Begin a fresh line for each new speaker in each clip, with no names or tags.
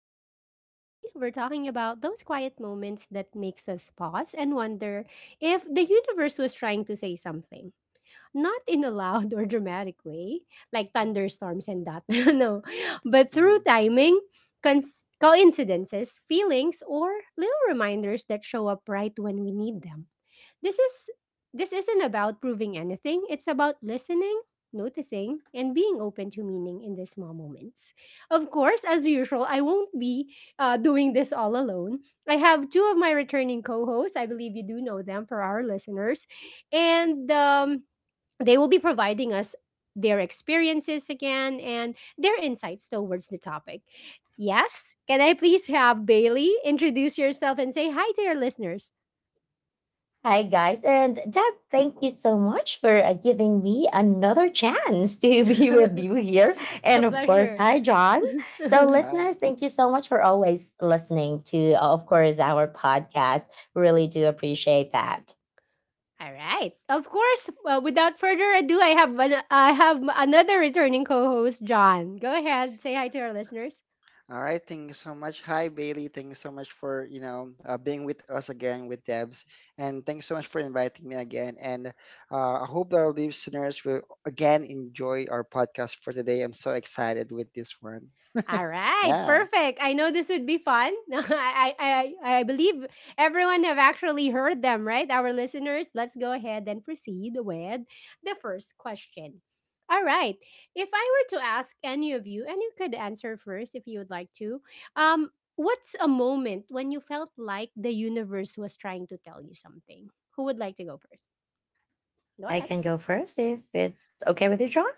Lounge. Today, we're talking about those quiet moments that makes us pause and wonder if the universe was trying to say something. Not in a loud or dramatic way, like thunderstorms and that. no, but through
Mhm,
timing, coincidences, feelings, or little reminders that show up right when we need them. This is this isn't about proving anything. It's about listening, noticing, and being open to meaning in the small moments. Of course, as usual, I won't be doing this all alone. I have two of my returning co-hosts. I believe you do know them for our listeners, and they will be providing us their experiences again and their insights towards the topic. Yes, can I please have Bailey introduce yourself and say hi to your listeners?
Hi, guys. And Deb, thank you so much for giving me another chance to be with you here. And
A
mhm.
of course,
pleasure.
hi, John.
All
So,
Hi.
listeners, thank you so much for always listening to, of course, our podcast. Really do appreciate that.
right. Of course, without further ado, another returning co-host, John. Go ahead, say hi to our listeners.
All right. Thank you so much. Hi, Bailey. Thank you so much for, being with us again with Debs. And thanks so much for inviting me again. And I hope that our listeners will again enjoy our podcast for today. I'm so excited with this one.
All right,
Yeah.
perfect. I know this would be fun. I believe everyone have actually heard them, right? Our listeners. Let's go ahead and proceed with the first question. All right. If I were to ask any of you, and you could answer first if you would like to, um, what's a moment when you felt like the universe was trying to tell you something? Who would like to go first? Go
I
ahead.
can go first if it's okay with you, John.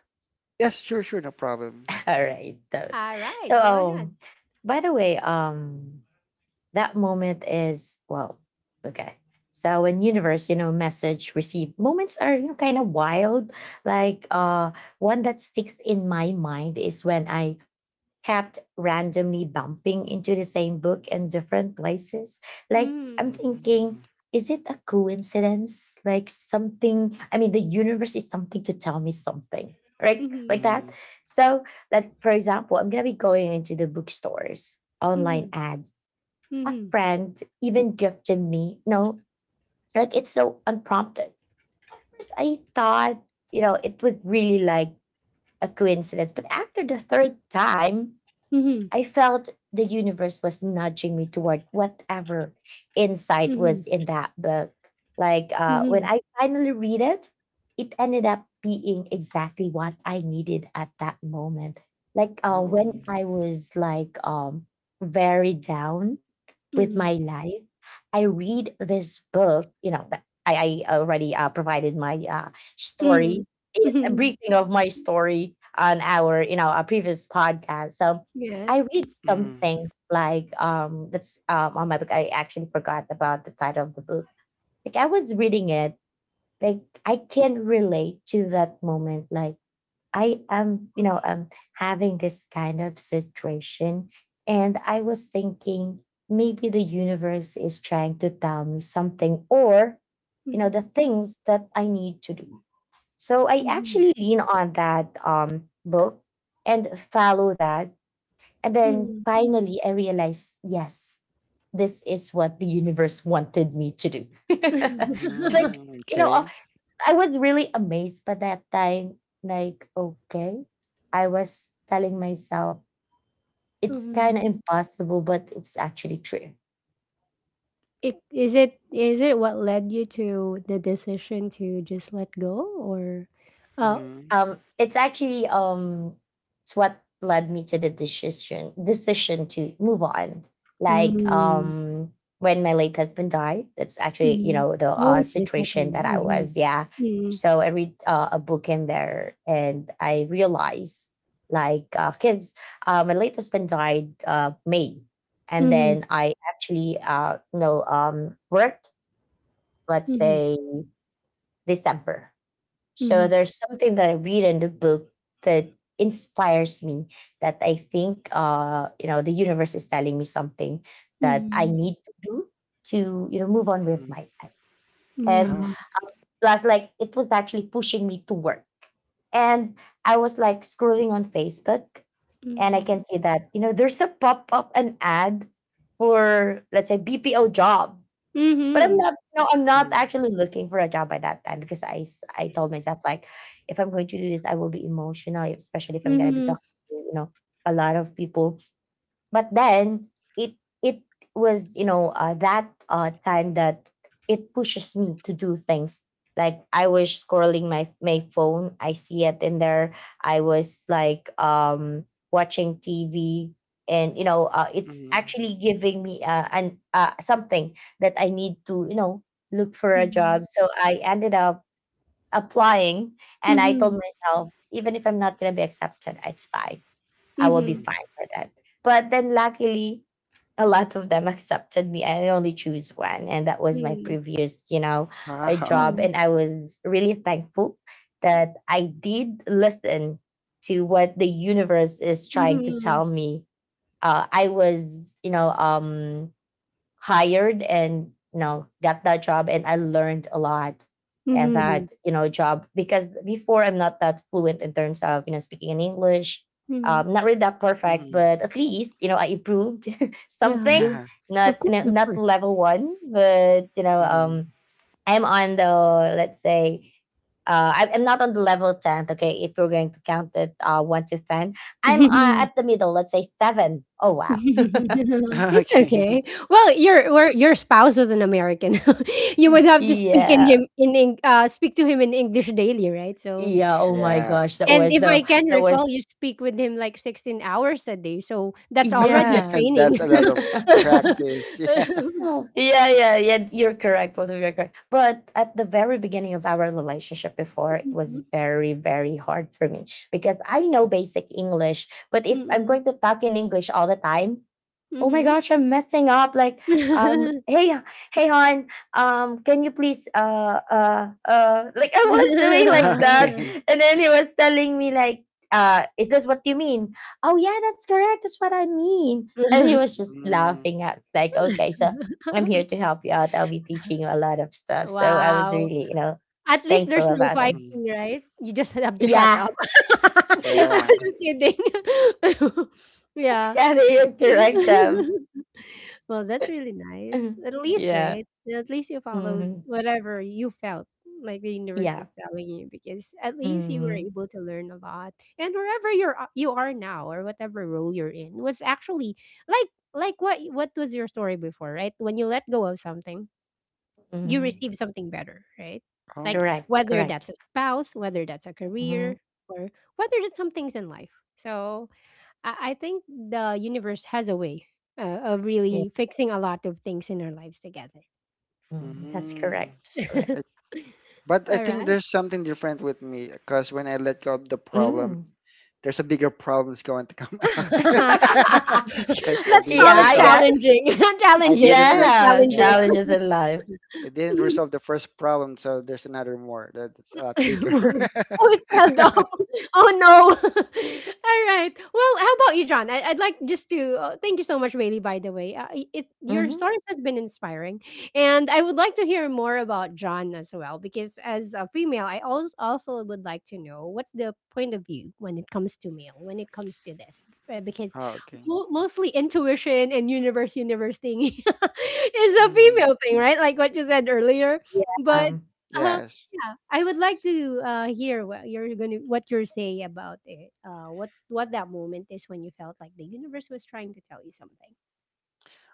Yes, sure, sure. No problem.
All right. So,
All right,
so,
go ahead.
um, by the way, that moment is, well, okay, so in universe, you know, message received moments are, you know, kind of wild. Like, one that sticks in my mind is when I kept randomly bumping into the same book in different places. Like,
Mm-hmm.
I'm thinking,
Mhm,
is it a coincidence? Like something, I mean, the universe is something to tell me something, right?
Mm-hmm.
Like that.
mhm.
So, like for example, I'm gonna be going into the bookstores
Mm-hmm.
online ads. A
Mm-hmm.
friend even gifted me. No, like it's so unprompted. I thought, you know, it was really like a coincidence. But after the third time,
Mm-hmm.
I felt the universe was nudging me toward whatever insight
Mm-hmm.
was in that book. Like,
Mm-hmm.
when I finally read it, it ended up being exactly what I needed at that moment. Like, when
Oh.
I was like, very down with
Mm,
my life, I read this book. You know, that I already provided my
mm,
story, a
mhm,
briefing of my story on our, you know, a previous podcast. So
yes.
I read
Mhm,
something like, that's, on my book. I actually forgot about the title of the book. Like I was reading it, like I can relate to that moment. Like I am, you know, having this kind of situation. And I was thinking maybe the universe is trying to tell me something, or, you know, the
Mhm,
things that I need to do. So I
mhm,
actually lean on that book and follow that, and
mm.
then finally, I realized, yes, this is what the universe wanted me to do. It's like,
mhm.
you know,
Okay.
I was really amazed by that time. Like, okay, I was telling myself, it's
Mhm.
kind of impossible, but it's actually true.
It, is it Is it what led you to the decision to just let go or uh
Mhm,
It's actually, it's what led me to the decision to move on. Like,
mm,
when my late husband died, that's actually, you
mm.
know, the
Oh, it's the second.
situation that I was. Yeah,
Mm-hmm. Mm.
so I read a book in there, and I realized, like, kids, my late husband died, May, and
Mm-hmm.
then I actually, you know, worked, let's
Mm-hmm.
say, December.
Mm-hmm.
So there's something that I read in the book that inspires me, that I think, you know, the universe is telling me something that I
Mm-hmm.
need to do, to, you know, move on with
mhm.
my life. And
Oh.
Yeah.
plus, like, it was actually pushing me to work. And I was like scrolling on Facebook, and I
Mm-hmm.
can see that, you know, there's a pop-up an ad for, let's say, BPO job. But I'm
Mm-hmm.
not, no, I'm not
Mhm,
actually looking for a job by that time, because I told myself like, if I'm going to do this, I will be emotional, especially if I'm gonna be
Mm-hmm.
talking to, you know, a lot of people, but then it it was, you know, that time that it pushes me to do things. Like I was scrolling my phone, I see it in there. I was like, watching tv, and you know, it's
mhm,
actually giving me, an something that I need to, you know, look for a job, so I ended up applying. And
Mm-hmm.
I told
Mm-hmm.
myself, even if I'm not going to be accepted, it's fine. I will be
Mm-hmm.
mhm.
fine with it. But then luckily, a lot of them accepted me. I only choose one, and that was my
Mm-hmm.
previous, you know, a
Wow.
job.
Mm-hmm.
And I was really thankful that I did listen to what the universe is trying to
Mm-hmm.
tell me. I was, you know, hired, and you know, got that job, and I learned a lot at
Mm-hmm.
that, you know, job, because before, I'm not that fluent in terms of, you know, speaking in English.
Mm-hmm.
Not really that perfect,
Mm-hmm.
but at least, you know, I improved
Yeah.
something.
Yeah.
Not,
Of
you
course,
know,
of
not
course.
level one, but you know, I'm on the, let's say, I'm not on the level 10th, okay, if you're going to count it, 1 to 10. I'm, at the middle, let's say 7. Oh, wow.
Mm.
It's
Okay.
okay. Well, your spouse was an American. You would have to
Yeah.
speak to him in English daily, right? So,
Yeah, oh my
Yeah.
gosh, that
and
was
if I
the
can
that
recall,
was
you speak with him like 16 hours a day. So that's already a
yeah.
And
training.
that's a lot of
Yeah,
practice. Yeah.
yeah, yeah, you're correct. Both of you are correct. But at the very beginning of our relationship before, it was very, very hard for me, because I know basic English. But if I'm
Mhm,
going to talk in English all the time, oh my
mhm,
gosh, I'm messing up. Like,
mhm.
hey, hey, hon, can you please, like, I was doing like that,
Okay.
and then he was telling me like, is this what you mean? Oh yeah, that's correct. That's what I mean. And he was just
Mm.
laughing at like, okay, so I'm here to help you out. I'll be teaching you a lot of stuff. So I was
Wow.
really, you know,
At least there's
thankful
no
about him.
hmm
fighting, right? You just have to shut
Yeah,
up. I'm
yeah,
Yeah.
just kidding. Yeah.
they are correct.
Well, that's really nice. At least,
Yeah.
right? At least you followed
Hmm.
whatever you felt like the universe
Yeah.
is telling you because at least you were
Hmm.
able to learn a lot. And wherever you're you are now or whatever role you're in was actually like what was your story before, right? When you let go of something you
Mhm.
receive something better, right?
Oh.
Like
Correct,
whether
correct.
that's a spouse, whether that's a career,
Mhm.
or whether that's some things in life. So I think the universe has a way of
Yeah,
really fixing a lot of things in our lives together.
mm, that's
Mm.
correct. That's correct.
I, but I
All
think
right.
there's something different with me because when I let go of the problem,
Mm.
there's a bigger problem's going to come
Let's
out. Yes, I didn't
Yeah,
call it
I
resolve.
guess.
challenging.
I
Challenges.
didn't.
Those
Re-
are
Yeah,
yeah.
challenges.
challenges in life.
I didn't resolve the first problem, so there's another more that's a lot bigger.
Oh, it fell down. Oh no. All right. Well, how about you, John? I'd like just to thank you so much, Bailey. By the way, it your
Hmm.
stories has been inspiring, and I would like to hear more about John as well. Because as a female, I also would like to know what's the point of view when it comes to male, when it comes to this, because
Oh, okay.
mostly intuition and universe thing is a
hmm
female thing, right? Like what you said earlier, but.
Yeah.
uh,
Yes.
yeah, I would like to hear what you're say about it. What that moment is when you felt like the universe was trying to tell you something.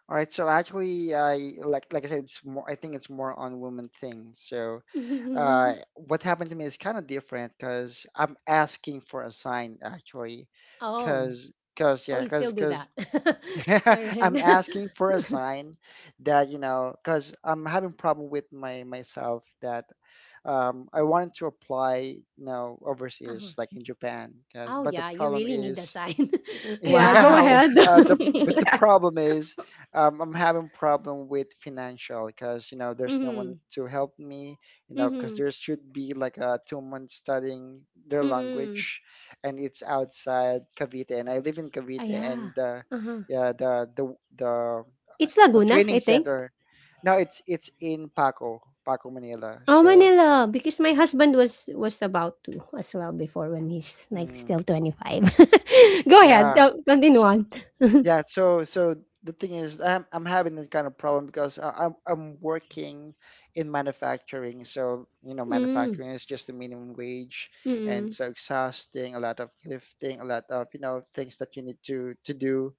All right, so actually, I like I said, it's more. I think it's more on women thing. So, uh, what happened to me is kind of different because I'm asking for a sign actually,
oh,
because because
oh,
yeah,
you still do
because
that? All right.
I'm asking for a sign that you know because I'm having problem with my myself that I wanted to apply you know
Uh-huh.
overseas like in Japan because
Oh
but the
yeah, you
problem
really need the
is
sign. yeah, go
yeah,
Wow.
ahead.
the but the problem is, I'm having problem with financial because you know there's no one
Mm-hmm.
to help me, you know, because
Mm-hmm.
there should be like a 2 months studying their
Mm-hmm.
language, and it's outside Cavite, and I live in
Ah,
Cavite,
yeah.
and
Uh-huh.
yeah, the uh,
It's
the
Laguna,
training
I think.
center, no, it's in Paco, Paco, Manila.
Oh,
So
Manila, because my husband was about to as well before when he's like
mm,
still 25. Go ahead,
yeah,
continue on.
so the thing is, I'm having that kind of problem because I'm working in manufacturing. So, you know,
Mm,
manufacturing is just the minimum wage, and
mm,
so exhausting, a lot of lifting, a lot of, you know, things that you need to do,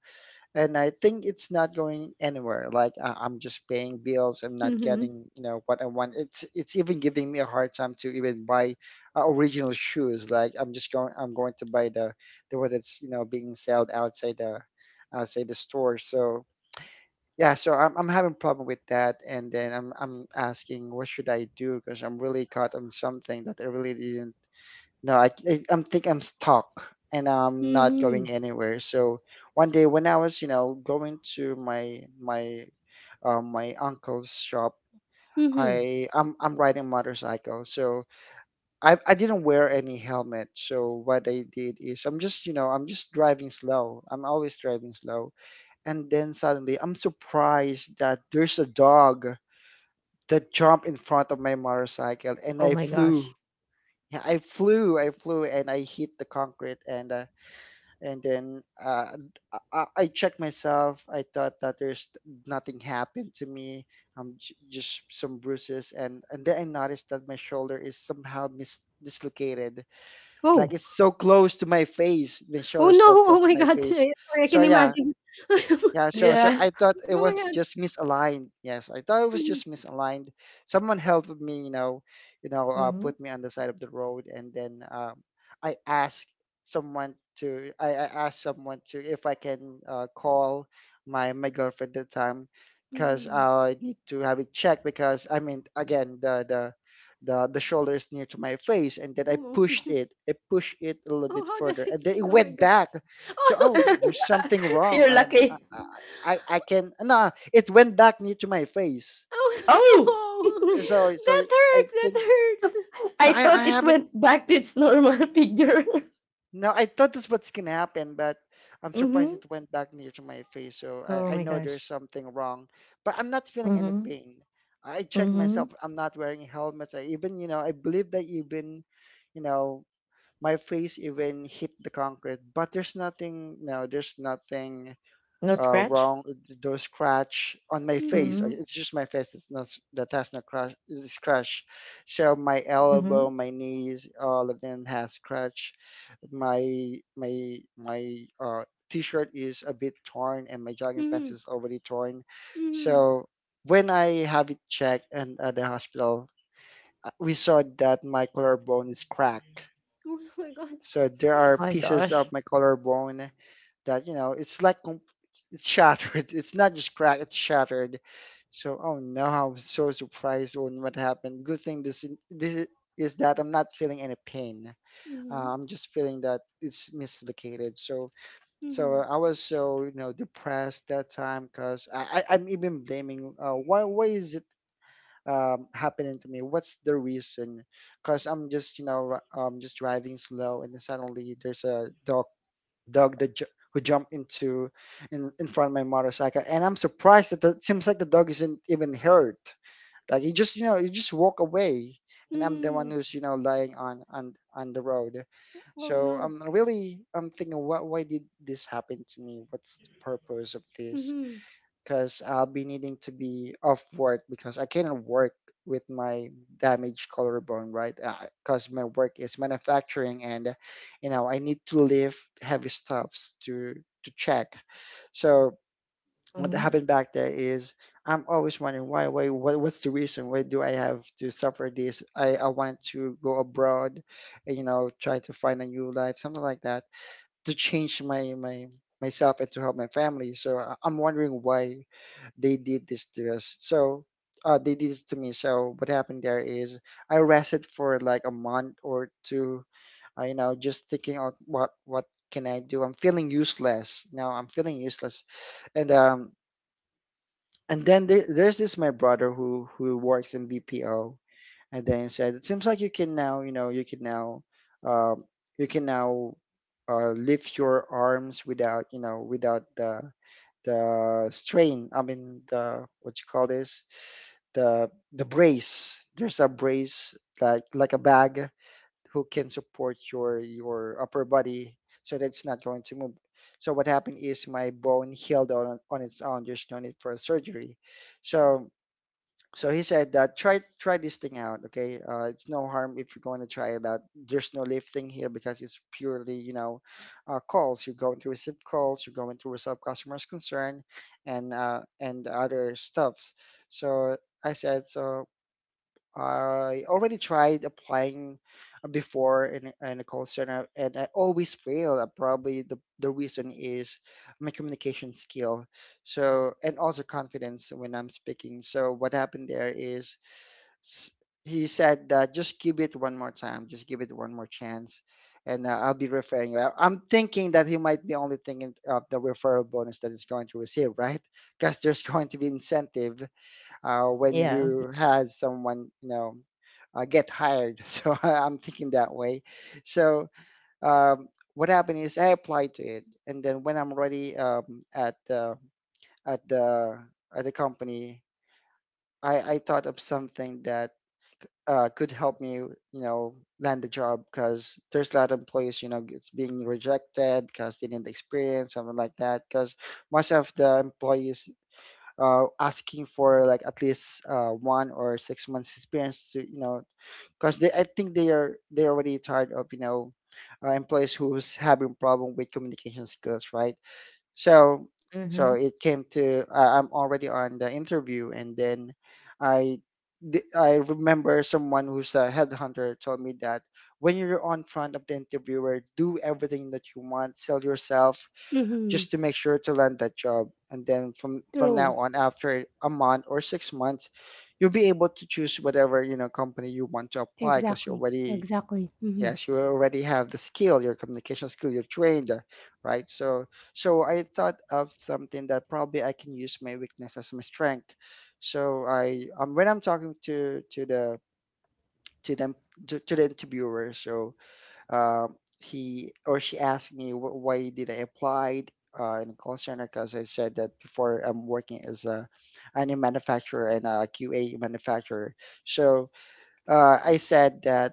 and I think it's not going anywhere. Like I'm just paying bills. I'm not
mm-hmm,
getting, you know, what I want. It's even giving me a hard time to even buy original shoes. Like I'm just going. I'm going to buy the one that's you know being sold outside the store. So yeah. So I'm having problem with that. And then I'm asking what should I do because I'm really caught on something that I really didn't no, I I'm think I'm stuck and I'm not
mm-hmm,
going anywhere. So one day when I was, you know, going to my my my uncle's shop,
mm-hmm.
I'm riding motorcycle. So I didn't wear any helmet. So what I did is I'm just, you know, I'm just driving slow. I'm always driving slow. And then suddenly I'm surprised that there's a dog that jumped in front of my motorcycle and
Oh
I
my
flew.
gosh.
Yeah, I flew and I hit the concrete, and and then uh, I checked myself. I thought that there's nothing happened to me. Just some bruises, and then I noticed that my shoulder is somehow dislocated. Like
Oh,
it's so close to my face. The
oh no,
shoulder's so
oh
close to
my
my
God,
face.
I can
So yeah,
imagine.
so
Yeah.
I thought it
Go
was
ahead.
just misaligned. Yes, I thought it was
Mm-hmm,
just misaligned. Someone helped me,
Hmm.
put me on the side of the road, and then I asked someone I asked someone to if I can call my girlfriend at the time, because
mm-hmm.
I need to have it checked because I mean again the shoulder is near to my face, and then
Oh, no.
I pushed it a little
oh,
bit
how does
further, and
it
then it
feel? Oh my
went
God.
back. So,
Oh,
oh, there's something wrong.
You're
And
lucky.
I, I can, no, it went back near to my face.
oh
Oh,
no,
So
that
so I
hurts,
think
that hurts.
no,
I
I
thought it
haven't.
went back to its normal figure.
No, I thought that's what's gonna happen, but I'm surprised
Hmm.
it went back near to my face. So
Oh
I
my
know there's
gosh.
something wrong, but I'm not feeling any
Hmm.
pain. I checked myself.
Hmm.
I'm not wearing helmets. I even you know I believe that even you know my face even hit the concrete, but there's nothing. No, there's nothing
No scratch.
wrong. Those scratch on my
Mm-hmm,
face. I-
Hmm.
It's just my face that's not s- that has no crash scratch. So my elbow,
Hmm.
my knees, all of them has scratch. My my my t-shirt is a bit torn, and my jogging pants
mm-hmm,
is already torn.
mm-hmm.
So when I have it checked and at the hospital, we saw that my collarbone is cracked.
Oh my God.
So there are
My
pieces of
gosh.
my collarbone that you know it's like it's shattered. It's not just cracked, it's shattered. So, oh no, I was so surprised on what happened. Good thing this is that I'm not feeling any pain.
Mm-hmm,
I'm just feeling that it's mislocated. So,
mm-hmm.
so I was so you know depressed that time because I'm even blaming why is it happening to me? What's the reason? Because I'm just you know just driving slow, and then suddenly there's a dog that who jumped into in front of my motorcycle, and I'm surprised that it seems like the dog isn't even hurt, like he just you know he just walk away, and I'm the one
Mm.
who's you know lying on the road.
Oh,
So
no.
I'm thinking what, why did this happen to me, what's the purpose of this,
Mhm.
because I'll be needing to be off work because I cannot work with my damaged collarbone, right? Because my work is manufacturing, and you know I need to lift heavy stuffs to check. So what
Mhm.
happened back there is I'm always wondering why, what, what's the reason? Why do I have to suffer this? I wanted to go abroad, and, you know, try to find a new life, something like that, to change my my myself and to help my family. So I'm wondering why they did this to us. So they did this to me. So what happened there is I rested for like a month or two. You know, just thinking of what can I do? I'm feeling useless. You know, I'm feeling useless, and there's this my brother who works in BPO, and then he said it seems like you can now um you can now lift your arms without you know without the strain. I mean the what you call this the the brace. There's a brace like a bag who can support your upper body so that it's not going to move. So what happened is my bone healed on its own. There's no need for surgery. So he said that try this thing out. Okay, it's no harm if you're going to try it out. There's no lifting here because it's purely you know calls. You're going to receive calls. You're going to resolve customers' concern, and other stuffs. So I said, so I already tried applying before in a call center, and I always fail. Probably the reason is my communication skill. So, and also confidence when I'm speaking. So, what happened there is s- he said that just give it one more time, just give it one more chance, and I'll be referring you. I'm thinking that he might be only thinking of the referral bonus that he's going to receive, right? Because there's going to be incentive when
Yeah.
you had someone you know get hired. So I'm thinking that way. So um, what happened is I applied to it, and then when I'm ready at the at the at the company, I thought of something that could help me, you know, land the job because there's a lot of employees, you know, it's being rejected because they didn't experience something like that. Because most of the employees asking for like at least 1 or 6 months experience to you know because they I think they are they already tired of you know employees who's having problem with communication skills, right? So so
Mhm.
it came to I'm already on the interview, and then I I remember someone who's a headhunter told me that when you're on front of the interviewer do everything that you want, sell yourself
Mhm.
just to make sure to land that job. And then from now
True.
on, after a month or 6 months, you'll be able to choose whatever you know company you want to apply because you
Exactly.
already
Exactly. Mhm.
yes you already have the skill, your communication skill, you're trained, right? So I thought of something that probably I can use my weakness as my strength. So I when I'm talking to the to them to the interviewer, so um, he or she asked me why did I apply in call center because I said that before I'm working as a an manufacturer and a QA manufacturer. So I said that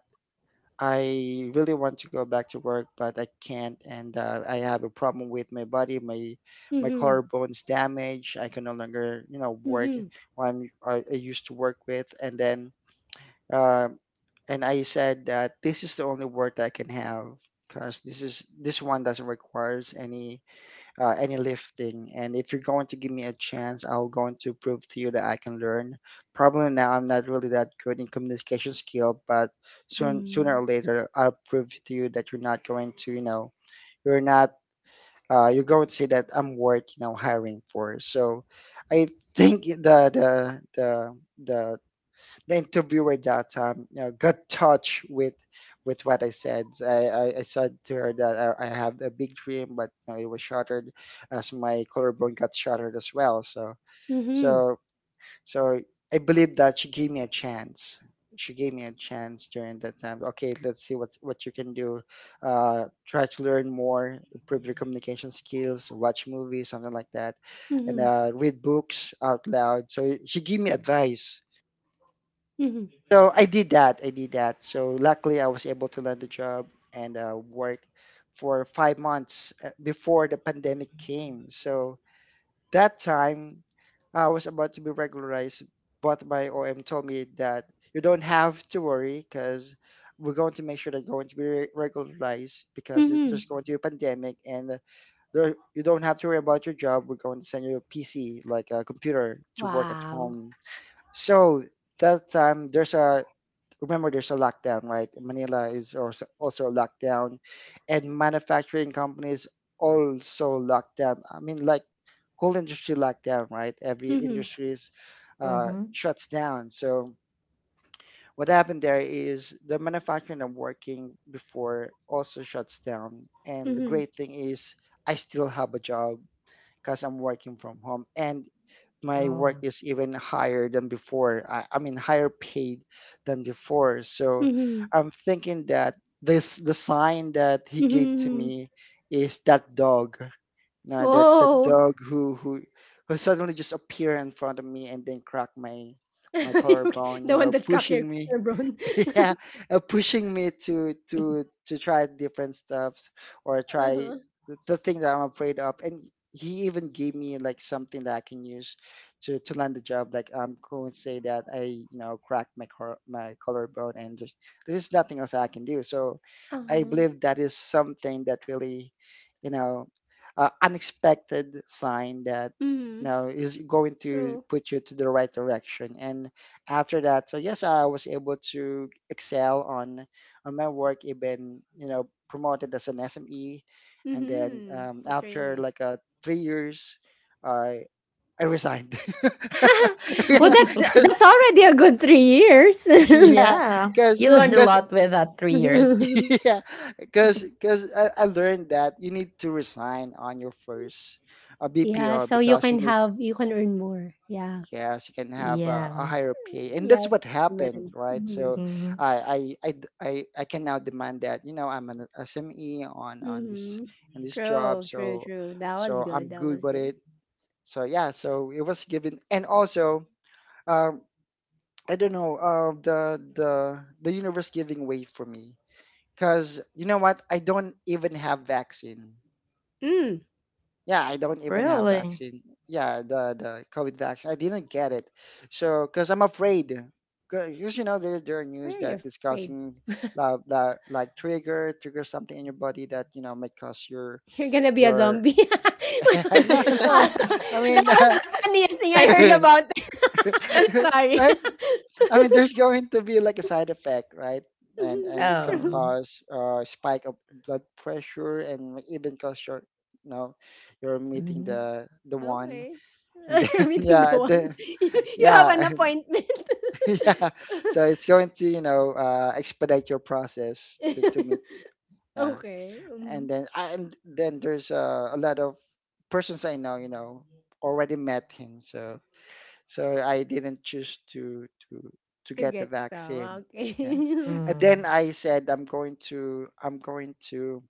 I really want to go back to work, but I can't, and I have a problem with my body, my
Mhm.
collarbones damaged. I can no longer, you know, work
Mhm.
what I used to work with, and then uh, and I said that this is the only work that I can have because this one doesn't requires any lifting. And if you're going to give me a chance, I'm going to prove to you that I can learn. Probably now I'm not really that good in communication skill, but sooner
Mm.
or later I'll prove to you that you're not going to you're not you're going to say that I'm worth you know hiring for. So I think the the the interviewer that time, you know, got touched with what I said. I said to her that I have a big dream, but you know, it was shattered as my collarbone got shattered as well.
Mhm.
So so I believe that she gave me a chance. She gave me a chance during that time. Okay, let's see what you can do. Try to learn more, improve your communication skills, watch movies, something like that, and
Mhm.
read books out loud. So she gave me advice
Mhm.
so I did that. I did that. So luckily, I was able to land a job and work for 5 months before the pandemic came. So that time, I was about to be regularized, but my OM told me that you don't have to worry because we're going to make sure that you're going to be regularized because
Mhm.
there's going to be a pandemic and there, you don't have to worry about your job. We're going to send you a PC, like a computer, to work at
Wow.
home. So that time, there's a remember there's a lockdown, right? Manila is also a lockdown, and manufacturing companies also lockdown. I mean, like whole industry lockdown, right? Every
Mhm.
industries
Mhm.
shuts down. So what happened there is the manufacturing I'm working before also shuts down. And the
Mhm.
great thing is I still have a job because I'm working from home. And my work
Oh.
is even higher than before. I mean, higher paid than before. So
Mhm.
I'm thinking that this the sign that he gave to
Mhm.
me is that dog. Now that that
Whoa.
dog who suddenly just appeared in front of me and then cracked my my
Okay,
collarbone, you
the one
know,
that cracked your
pushing me.
backbone.
Yeah, pushing me to try different stuffs or try
Uh-huh.
the thing that I'm afraid of. And he even gave me like something that I can use to land the job. Like I'm going to say that I you know cracked my my collarbone and there's nothing else I can do. So I
Uh-huh.
believe that is something that really you know unexpected sign that you
Mhm.
know is going to
True.
put you to the right direction, and after that, so yes, I was able to excel on my work, even you know promoted as an SME. And then
Mhm. That's really
after
nice.
like 3 years I resigned.
Well,
Yeah, because
that's already a good 3 years.
yeah
Yeah.
because
You learned a
because
lot with that 3 years.
yeah, because because I learned that you need to resign on your first
Yeah,
BPO
so you
because you
can
need
have you can earn more. Yeah.
Yes, you can have a
Yeah.
higher pay, and
Yeah,
that's what happened,
man.
right?
Mhm.
So,
Mhm.
I I I I can now demand that you know I'm an SME on this
Mhm.
in this job,
True, true,
so
true. That was
so
good.
I'm
That
good
was
with
good.
it. So yeah, so it was given, and also um, I don't know the universe giving way for me, because you know what? I don't even have vaccine.
Mm.
Yeah, I don't even have
Really?
vaccine. Yeah, the COVID vaccine. I didn't get it. So, because I'm afraid. Because you know there are
Why
news
are you
that is
afraid?
causing like trigger something in your body that you know may cause
You're gonna be a
your
zombie.
no
Uh,
no I
that
mean
was the funniest thing
I
I heard
think
about. Sorry.
right. I mean there's going to be like a side effect, right? And some
True.
um
cause spike of blood pressure and even cause your you know you're meeting
mhm.
the one.
Okay.
And then
You're meeting
yeah
the one.
the,
You, you have
yeah
an appointment.
yeah, so it's going to you know expedite your process to meet yeah.
okay. mhm.
And then there's a lot of persons I know you know already met him so so I didn't choose to
to
get the
get some.
vaccine yes.
Okay.
And then
Mm.
I said I'm going to I'm going to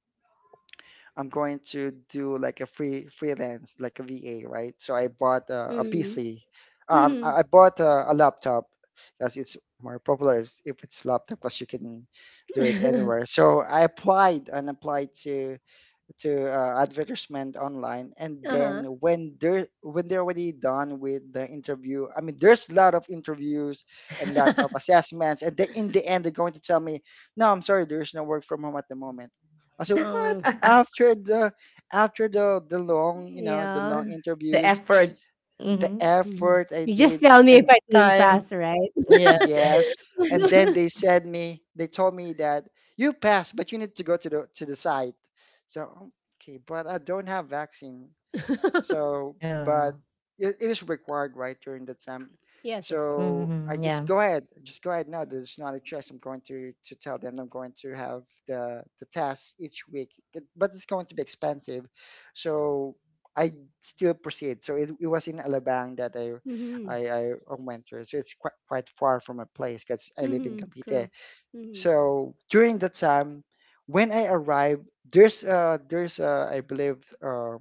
I'm going to do like a freelance, like a VA, right? So I bought a,
Mhm.
PC.
Mhm.
I bought a laptop because it's more popular is if it's laptop because you can do it anywhere. So I applied and applied to advertisement online, and then
Uh-huh.
when they're already done with the interview, I mean there's a lot of interviews and a lot of assessments, and they, in the end they're going to tell me no I'm sorry there's no work from home at the moment. I said what?
Oh,
After the the long you know the
yeah.
long
The
interviews,
effort.
the
Mhm.
Mhm.
effort I
You
did
just tell me if
and
I didn't pass,
Time.
right?
Yeah.
yes. And then they told me that you passed but you need to go to the site. So okay, but I don't have vaccine, so, but
Yeah.
it is required, right, during the time.
Yes, of course.
So I
Mhm.
just
Yeah.
go ahead, just go ahead. No, there's not a choice. I'm going to tell them I'm going to have the test each week, it- but it's going to be expensive. So I still proceed. So it was in Alabang that
Mhm.
I went through. So it's quite far from my place because I live in
Mhm.
Cavite.
True. Mhm.
So during the time when I arrived, there's uh I believe.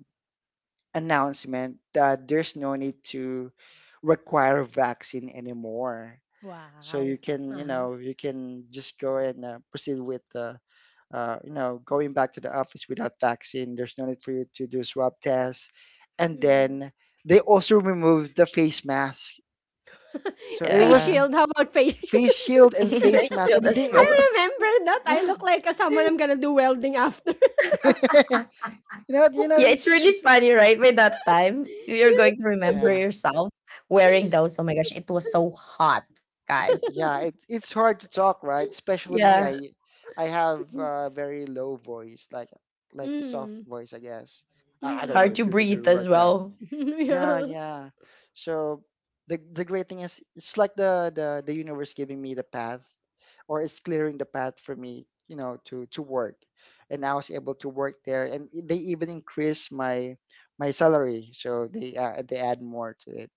Announcement that there's no need to require vaccine anymore. So you
Wow.
can, you
Uh-huh.
know, you can just go and proceed with the, you know, going back to the office without vaccine. There's no need for you to do swab tests. And
Mhm.
then they also removed the face mask. So it
Face
was
Yeah.
shield. How about face shield?
face shield and
Thank
face mask.
you
I mean,
as
they,
I
oh,
well.
remember that. I look like a, someone I'm gonna do welding after.
yeah, you know,
Yeah, it's really
it's
funny, right? By that time, you're
Yeah.
going to remember
yeah.
yourself wearing those. Oh my gosh, it was so hot, guys.
Yeah, it, it's hard to talk, right? Especially me.
Yeah,
I have a very low voice, like soft
Mm.
voice, I guess. I don't know
hard
Mm.
to
if you could do
breathe
it
as
right now.
well
Yeah,
Yeah.
yeah. So the great thing is it's like the universe giving me the path or is clearing the path for me, you know, to work. And I was able to work there, and they even increased my my salary, so they add more to it.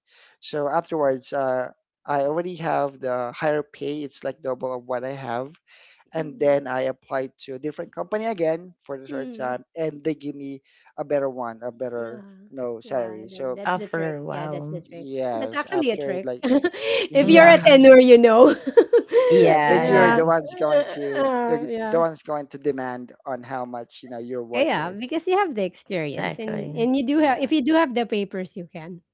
So afterwards, I already have the higher pay. It's like double of what I have, and
Mm.
then I applied to a different company again for the third
Mm.
time, and they give me a better one, a
Yeah.
better you know
Yeah,
salary.
that,
So
that's the trick.
after a
Yeah, that's the
while.
trick. That's
yes,
actually a
after
trick.
like
if you're
yeah.
a
Hmm.
tenor, you know.
And then
Yeah,
you're
yeah.
the
yeah,
ones going to you're the
Yeah.
ones going to demand on how much you know your worth
Yeah,
is
because you have the experience
exactly.
and you do have
yeah
if you do have the papers, you can.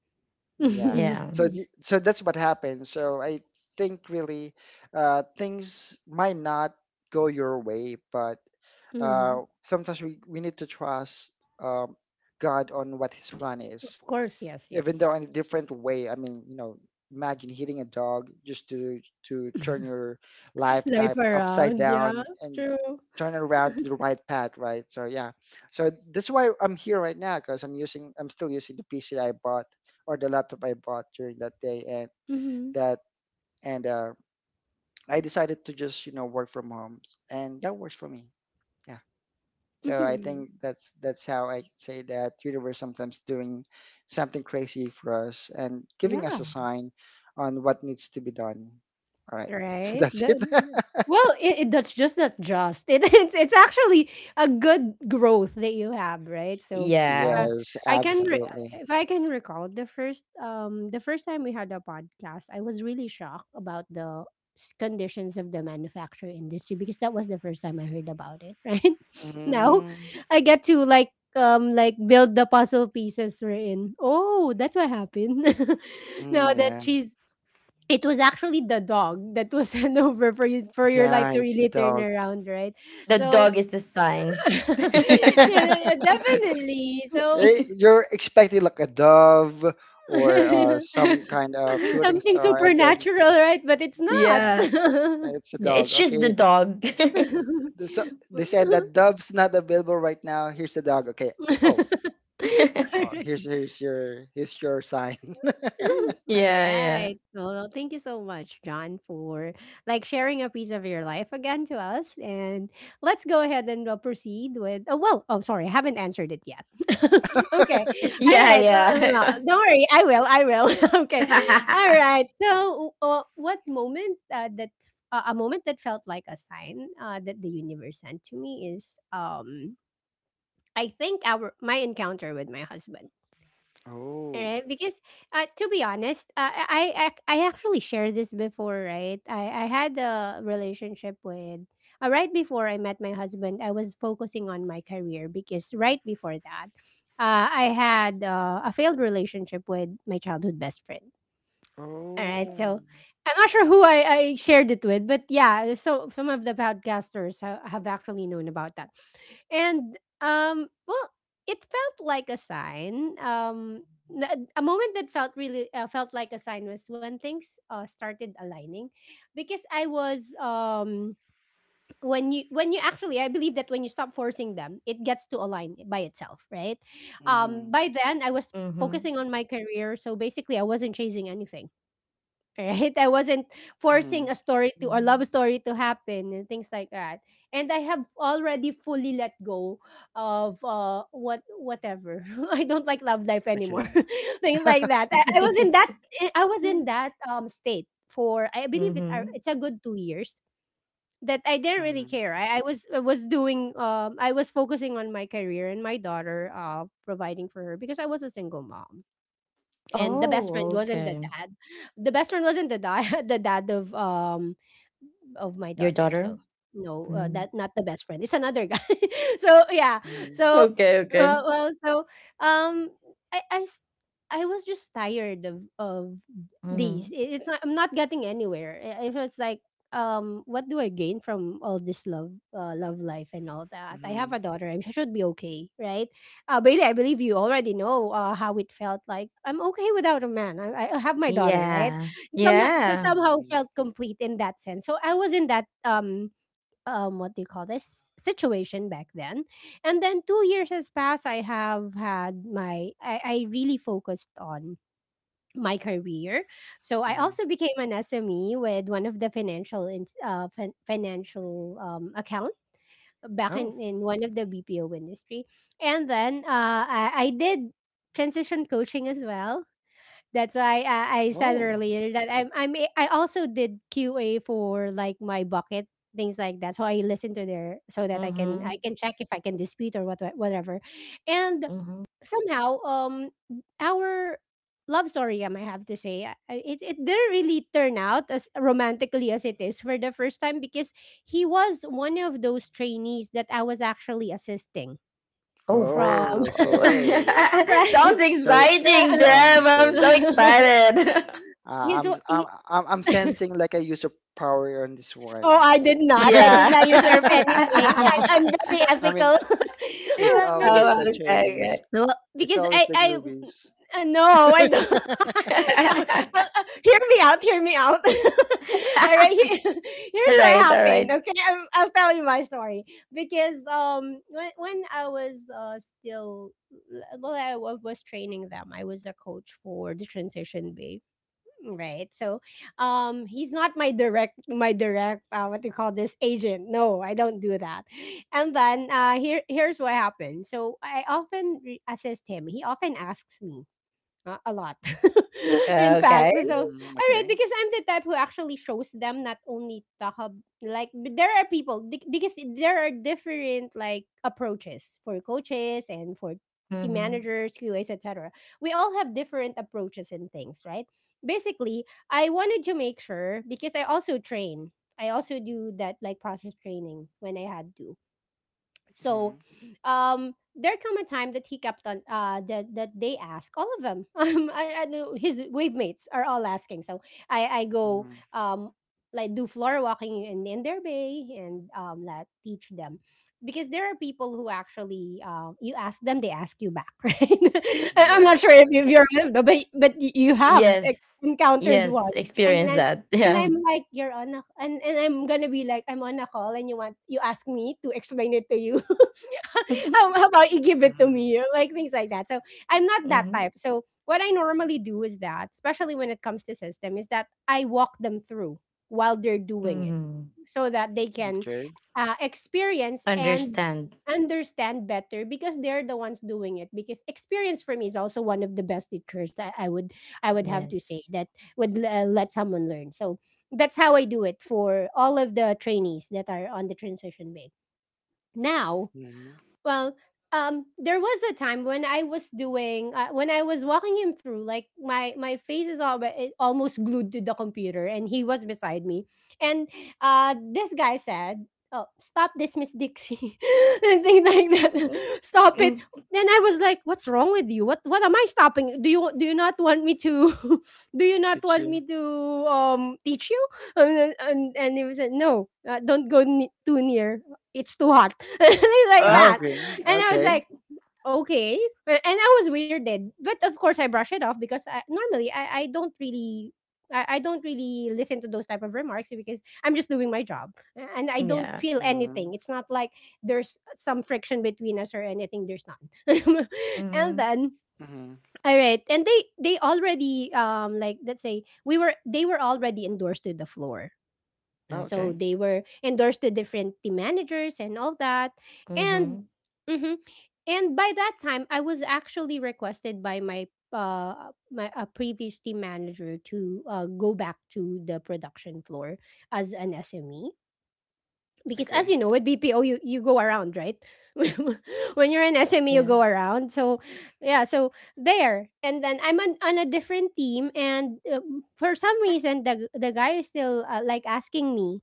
yeah.
Mhm.
Yeah,
So so that's what happened so I think really things might not go your way but uh
Mhm.
sometimes we need to trust um God on what his plan is,
Of course, yes, yes.
even though in a different way. I mean, you know, imagine hitting a dog just to turn your life
Life
upside
around,
down
yeah.
and
True.
turn it around to the right path, right? So yeah, so that's why I'm here right now because I'm using, I'm still using the PC that I bought or the laptop I bought during that day, and
Mhm.
that and I decided to just you know work from home, and that works for me. Yeah. So I
Mhm.
think that's how I could say that universe sometimes doing something crazy for us and giving us a
Yeah.
sign on what needs to be done. All right. So
Right.
that's it.
The- well, that's just not just. It, it's actually a good growth that you have, right? So, uh,
yeah.
Yes,
I can re-
absolutely.
if I can recall the first time we had a podcast, I was really shocked about the conditions of the manufacture industry because that was the first time I heard about it. Right now,
Mm,
I get to build the puzzle pieces we're in. Oh, that's what happened. now
mm,
that
yeah.
she's it was actually the dog that was sent over for you for your life
Yeah,
to
it's the
really turn
dog.
around, right?
The
So
dog is the sign.
yeah, yeah, yeah, definitely. So
You're expecting like a dove or
Yeah,
some kind of shooting
something
star and then
supernatural, right? But it's not.
yeah.
yeah, it's a dog.
It's just the
Okay.
dog.
Yeah. So they said that Dove's not available right now. Here's the dog. Okay. Oh,
All
oh
right.
here's your sign.
All
Yeah, yeah,
right. Well, thank you so much, John, for like sharing a piece of your life again to us. And let's go ahead and proceed with. Oh well. Oh, sorry, I haven't answered it yet. okay. All right.
yeah,
Well, don't worry. I will. I will. okay. All
yeah.
right. So, what moment that a moment that felt like a sign that the universe sent to me is I think our my encounter with my husband.
Oh.
Right, because to be honest, I actually shared this before, right? I had a relationship with right before I met my husband. I was focusing on my career because right before that, I had a failed relationship with my childhood best friend. All right,
Oh.
so I'm not sure who I shared it with, but yeah, so some of the podcasters have actually known about that, and well, it felt like a sign. A moment that felt really felt like a sign was when things started aligning, because I was when you actually I believe that when you stop forcing them, it gets to align by itself, right?
hmm
By then I was
Mhm.
focusing on my career, so basically I wasn't chasing anything, right? I wasn't
hmm
forcing a story to or love
Mhm.
story to happen and things like that. And I have already fully let go of whatever. I don't like love life
Okay.
anymore. Things like that.
okay.
I was in that state for I believe
Mhm.
it's a good 2 years that I didn't really
Mm-hmm.
care. I was doing I was focusing on my career and my daughter providing for her because I was a single mom and
Mm-hmm.
Oh, okay.
the best friend wasn't the dad the dad of my
Your
daughter.
daughter?
So no,
Mm.
that not the best friend. It's another guy. so yeah.
Mm-hmm.
So
Okay, okay.
well, so um, I I s- I was just tired of these.
Mhm.
It's not, I'm not getting anywhere. If it's like what do I gain from all this love life and all that? I
Mm-hmm.
have a daughter. I should be okay, right? Bailey, I believe you already know how it felt like. I'm okay without a man. I have my daughter, right?
Yeah.
So
Yeah.
somehow felt complete in that sense. So I was in that what do you call this situation back then, and then 2 years has passed. I have had my I really focused on my career, so I also
Mm-hmm.
became an SME with one of the financial financial account back
Oh.
in one of the BPO industry, and then I did transition coaching as well. That's why I said
Whoa.
earlier that I also did QA for like my bucket things like that. So I listen to their so that I can I
Mhm.
can check if I can dispute or whatever. And
Mhm.
somehow our love story, I have to say, it didn't really turn out as romantically as it is for the first time because he was one of those trainees that I was actually assisting
Oh,
from.
Oh,
wow.
okay.
Right.
Sounds
So
exciting, Deb. I'm
okay.
so excited.
Uh,
he's
I'm I'm
he,
I'm sensing like a user power on this one.
Oh, I did not. I did not usurp
Yeah.
anything. I, I'm very
I mean,
ethical.
it's always
Because
Oh,
the
okay,
trainees.
okay.
well,
It's
because
always the
I
newbies.
No, I don't. Uh, Hear me out. Hear me out. All right.
All
Here, here's what
right, all
happened.
right.
Okay, I'll tell you my story because when I was still well was training them. I was a coach for the transition. Mm, right. So he's not my direct what do you call this, agent. No, I don't do that. And then here's what happened. So I often assist him. He often asks me, a lot. In
Okay.
fact, so
Mm,
all right,
okay.
because I'm the type who actually shows them not only talk there are because there are different like approaches for coaches and for team
Mhm.
managers, QAs, etc. We all have different approaches and things, right? Basically, I wanted to make sure because I also train. I also do that like process training when I had to.
hmm
So there come a time that he kept on that that they ask all of them. I know his wave mates are all asking. So I go
hmm
like do floor walking in their bay and let teach them because there are people who actually you ask them, they ask you back. Right. I- I'm not sure
Yes,
if you- if
yes.
you're lived but you have
Yes.
encountered
Yes,
one. And
experience
then,
that.
and
Yeah.
I'm like, you're on a — and I'm gonna be like, I'm on a call and you ask me to explain it to you. how, how about you give it to me?
hmm
Like things like that. So I'm not that
Hmm.
type. So what I normally do is that, especially when it comes to system, is that I walk them through while they're doing it
Hmm.
so that they can
Okay.
experience and
Understand.
understand better because they're the ones doing it, because experience for me is also one of the best teachers that i would have to say
Yes.
that would let someone learn. So that's how I do it for all of the trainees that are on the transition bay now.
hmm
Well, there was a time when I was walking him through, like my face is it almost glued to the computer, and he was beside me, and this guy said, "Oh, stop this, Miss Dixie," and things like
Mhm.
that. Stop it.
Mm.
Then I was like, "What's wrong with you? What am I stopping? Do you not want me to? Do you not want
Teaching.
me to teach you?" And then- and he was like, "No, don't go too near. It's too hot." Things like
Ah?
that.
Okay,
And I was
okay.
like, okay. A- And I was weirded. But of course I brush it off because I, normally I don't really — I don't really listen to those type of remarks because I'm just doing my job. And I don't
Yeah.
feel
hmm
anything. It's not like there's some friction between us or anything. There's none. And
Hmm.
then
hmm
all right. And they already like let's say we were they were already endorsed to the floor,
Okay,
so
Okay.
they were endorsed to different team managers and all that. And
Hmm.
mhm. And by that time I was actually requested by my my a previous team manager to go back to the production floor as an sme, because as
okay.
you know with bpo you go around, right? When you're an sme you
Yeah.
go around. So yeah, so there and then i'm on a different team, and for some reason the guy is still like asking me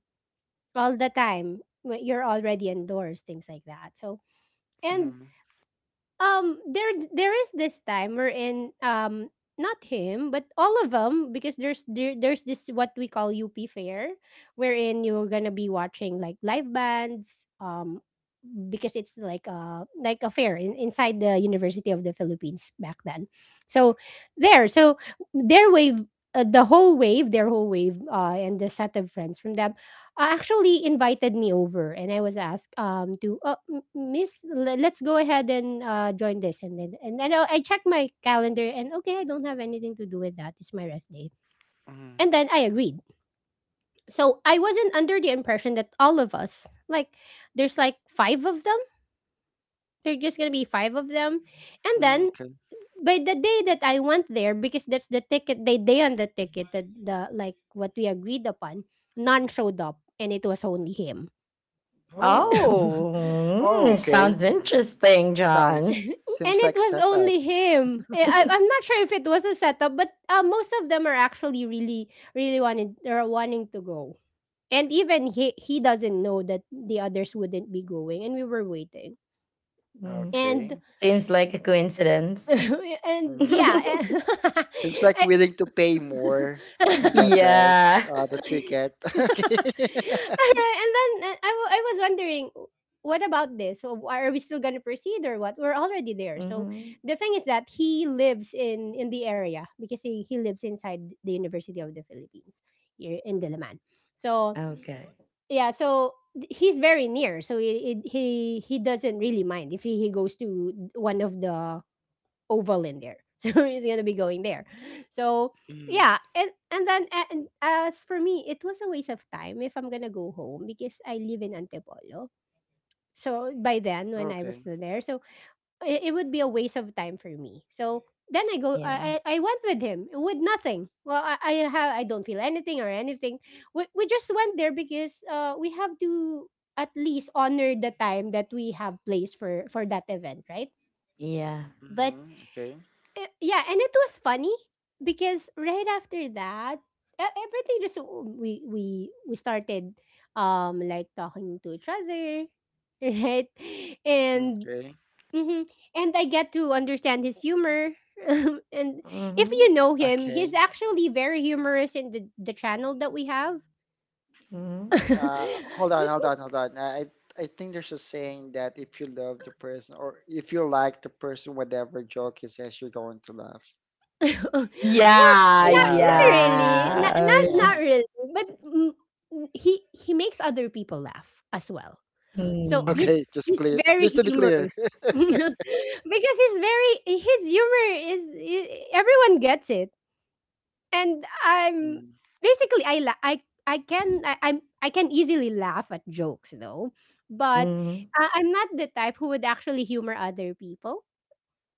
all the time when you're already indoors, things like that. So and
hmm
there is this time we're in not him but all of them, because there's this what we call up fair, wherein you're gonna be watching like live bands, because it's like a fair inside the University of the Philippines back then. So there, so their wave, their whole wave, and the set of friends from them actually invited me over, and I was asked to, "Miss, let's go ahead and join this," and then I checked my calendar, and okay, I don't have anything to do with that. It's my rest day, and
hmm
then I agreed. So I wasn't under the impression that all of us like there's like five of them — they're just gonna be five of them. And
Mm,
then
okay.
by the day that I went there, because that's the ticket they day on the ticket that the like what we agreed upon, none showed up and it was only him.
Oh,
And
Oh,
oh,
mm,
okay.
sounds
Mhm.
interesting,
Sounds,
John.
seems
it
like
was
setup.
only him. Eh, I'm not sure if it was a setup, but most of them are actually really, really wanted are wanting to go. And even he doesn't know that the others wouldn't be going, and we were waiting.
Mm.
Okay.
And
Seems like a coincidence.
and
Mm.
yeah, and,
Seems like willing to pay
all
more and get less
Yeah.
the ticket.
right, and then I was wondering, what about this? So are we still gonna proceed or what? We're already there. So
Hmm.
the thing is that he lives in the area because he lives inside the University of the Philippines here in Diliman. So
Okay.
yeah, so he's very near. So he doesn't really mind if he goes to one of the oval in there. So it's gonna be going there. So
Okay.
yeah, and as for me it was a waste of time if I'm gonna go home because I live in Antipolo. So by then when I
Okay.
was still there, so it would be a waste of time for me. So then I go
Yeah.
I went with him with nothing. Well i don't feel anything or anything. We just went there because we have to at least honor the time that we have placed for that event, right?
Yeah.
But
hmm Okay.
eh, yeah, and it was funny because right after that, everything just we started like talking to each other, right? And
Okay.
mhm, and I get to understand his humor. And if
Hmm.
you know him, he's
Okay.
actually very humorous in the channel that we have.
Hmm.
Mm,
Well,
Hold on, hold on, hold on. I think there's a saying that if you love the person or if you like the person, whatever joke he says, you're going to laugh.
Yeah,
Yeah, right. You're right.
yeah.
Yeah.
not really, but mm, he makes other people laugh as well. So he's —
Mm,
Okay, just
he's
clear.
very
Just to be clear.
humorous. Because he's very — his humor is everyone gets it. And I'm
Mm,
basically I la- I can I, I'm I can easily laugh at jokes though, but
mhm,
I'm not the type who would actually humor other people.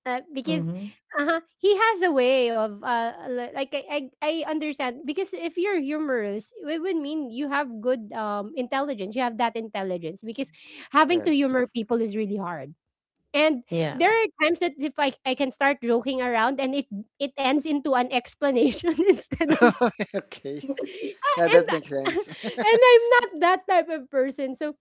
Because
mhm.
uh-huh, he has a way of like I understand, because if you're humorous it would mean you have good intelligence. You have that intelligence because having to
yes.
humor people is really hard. And there
Yeah.
are times that if I can start joking around and it ends into an explanation instead of
Okay. Yeah,
and
that makes sense.
and I'm not that type of person. So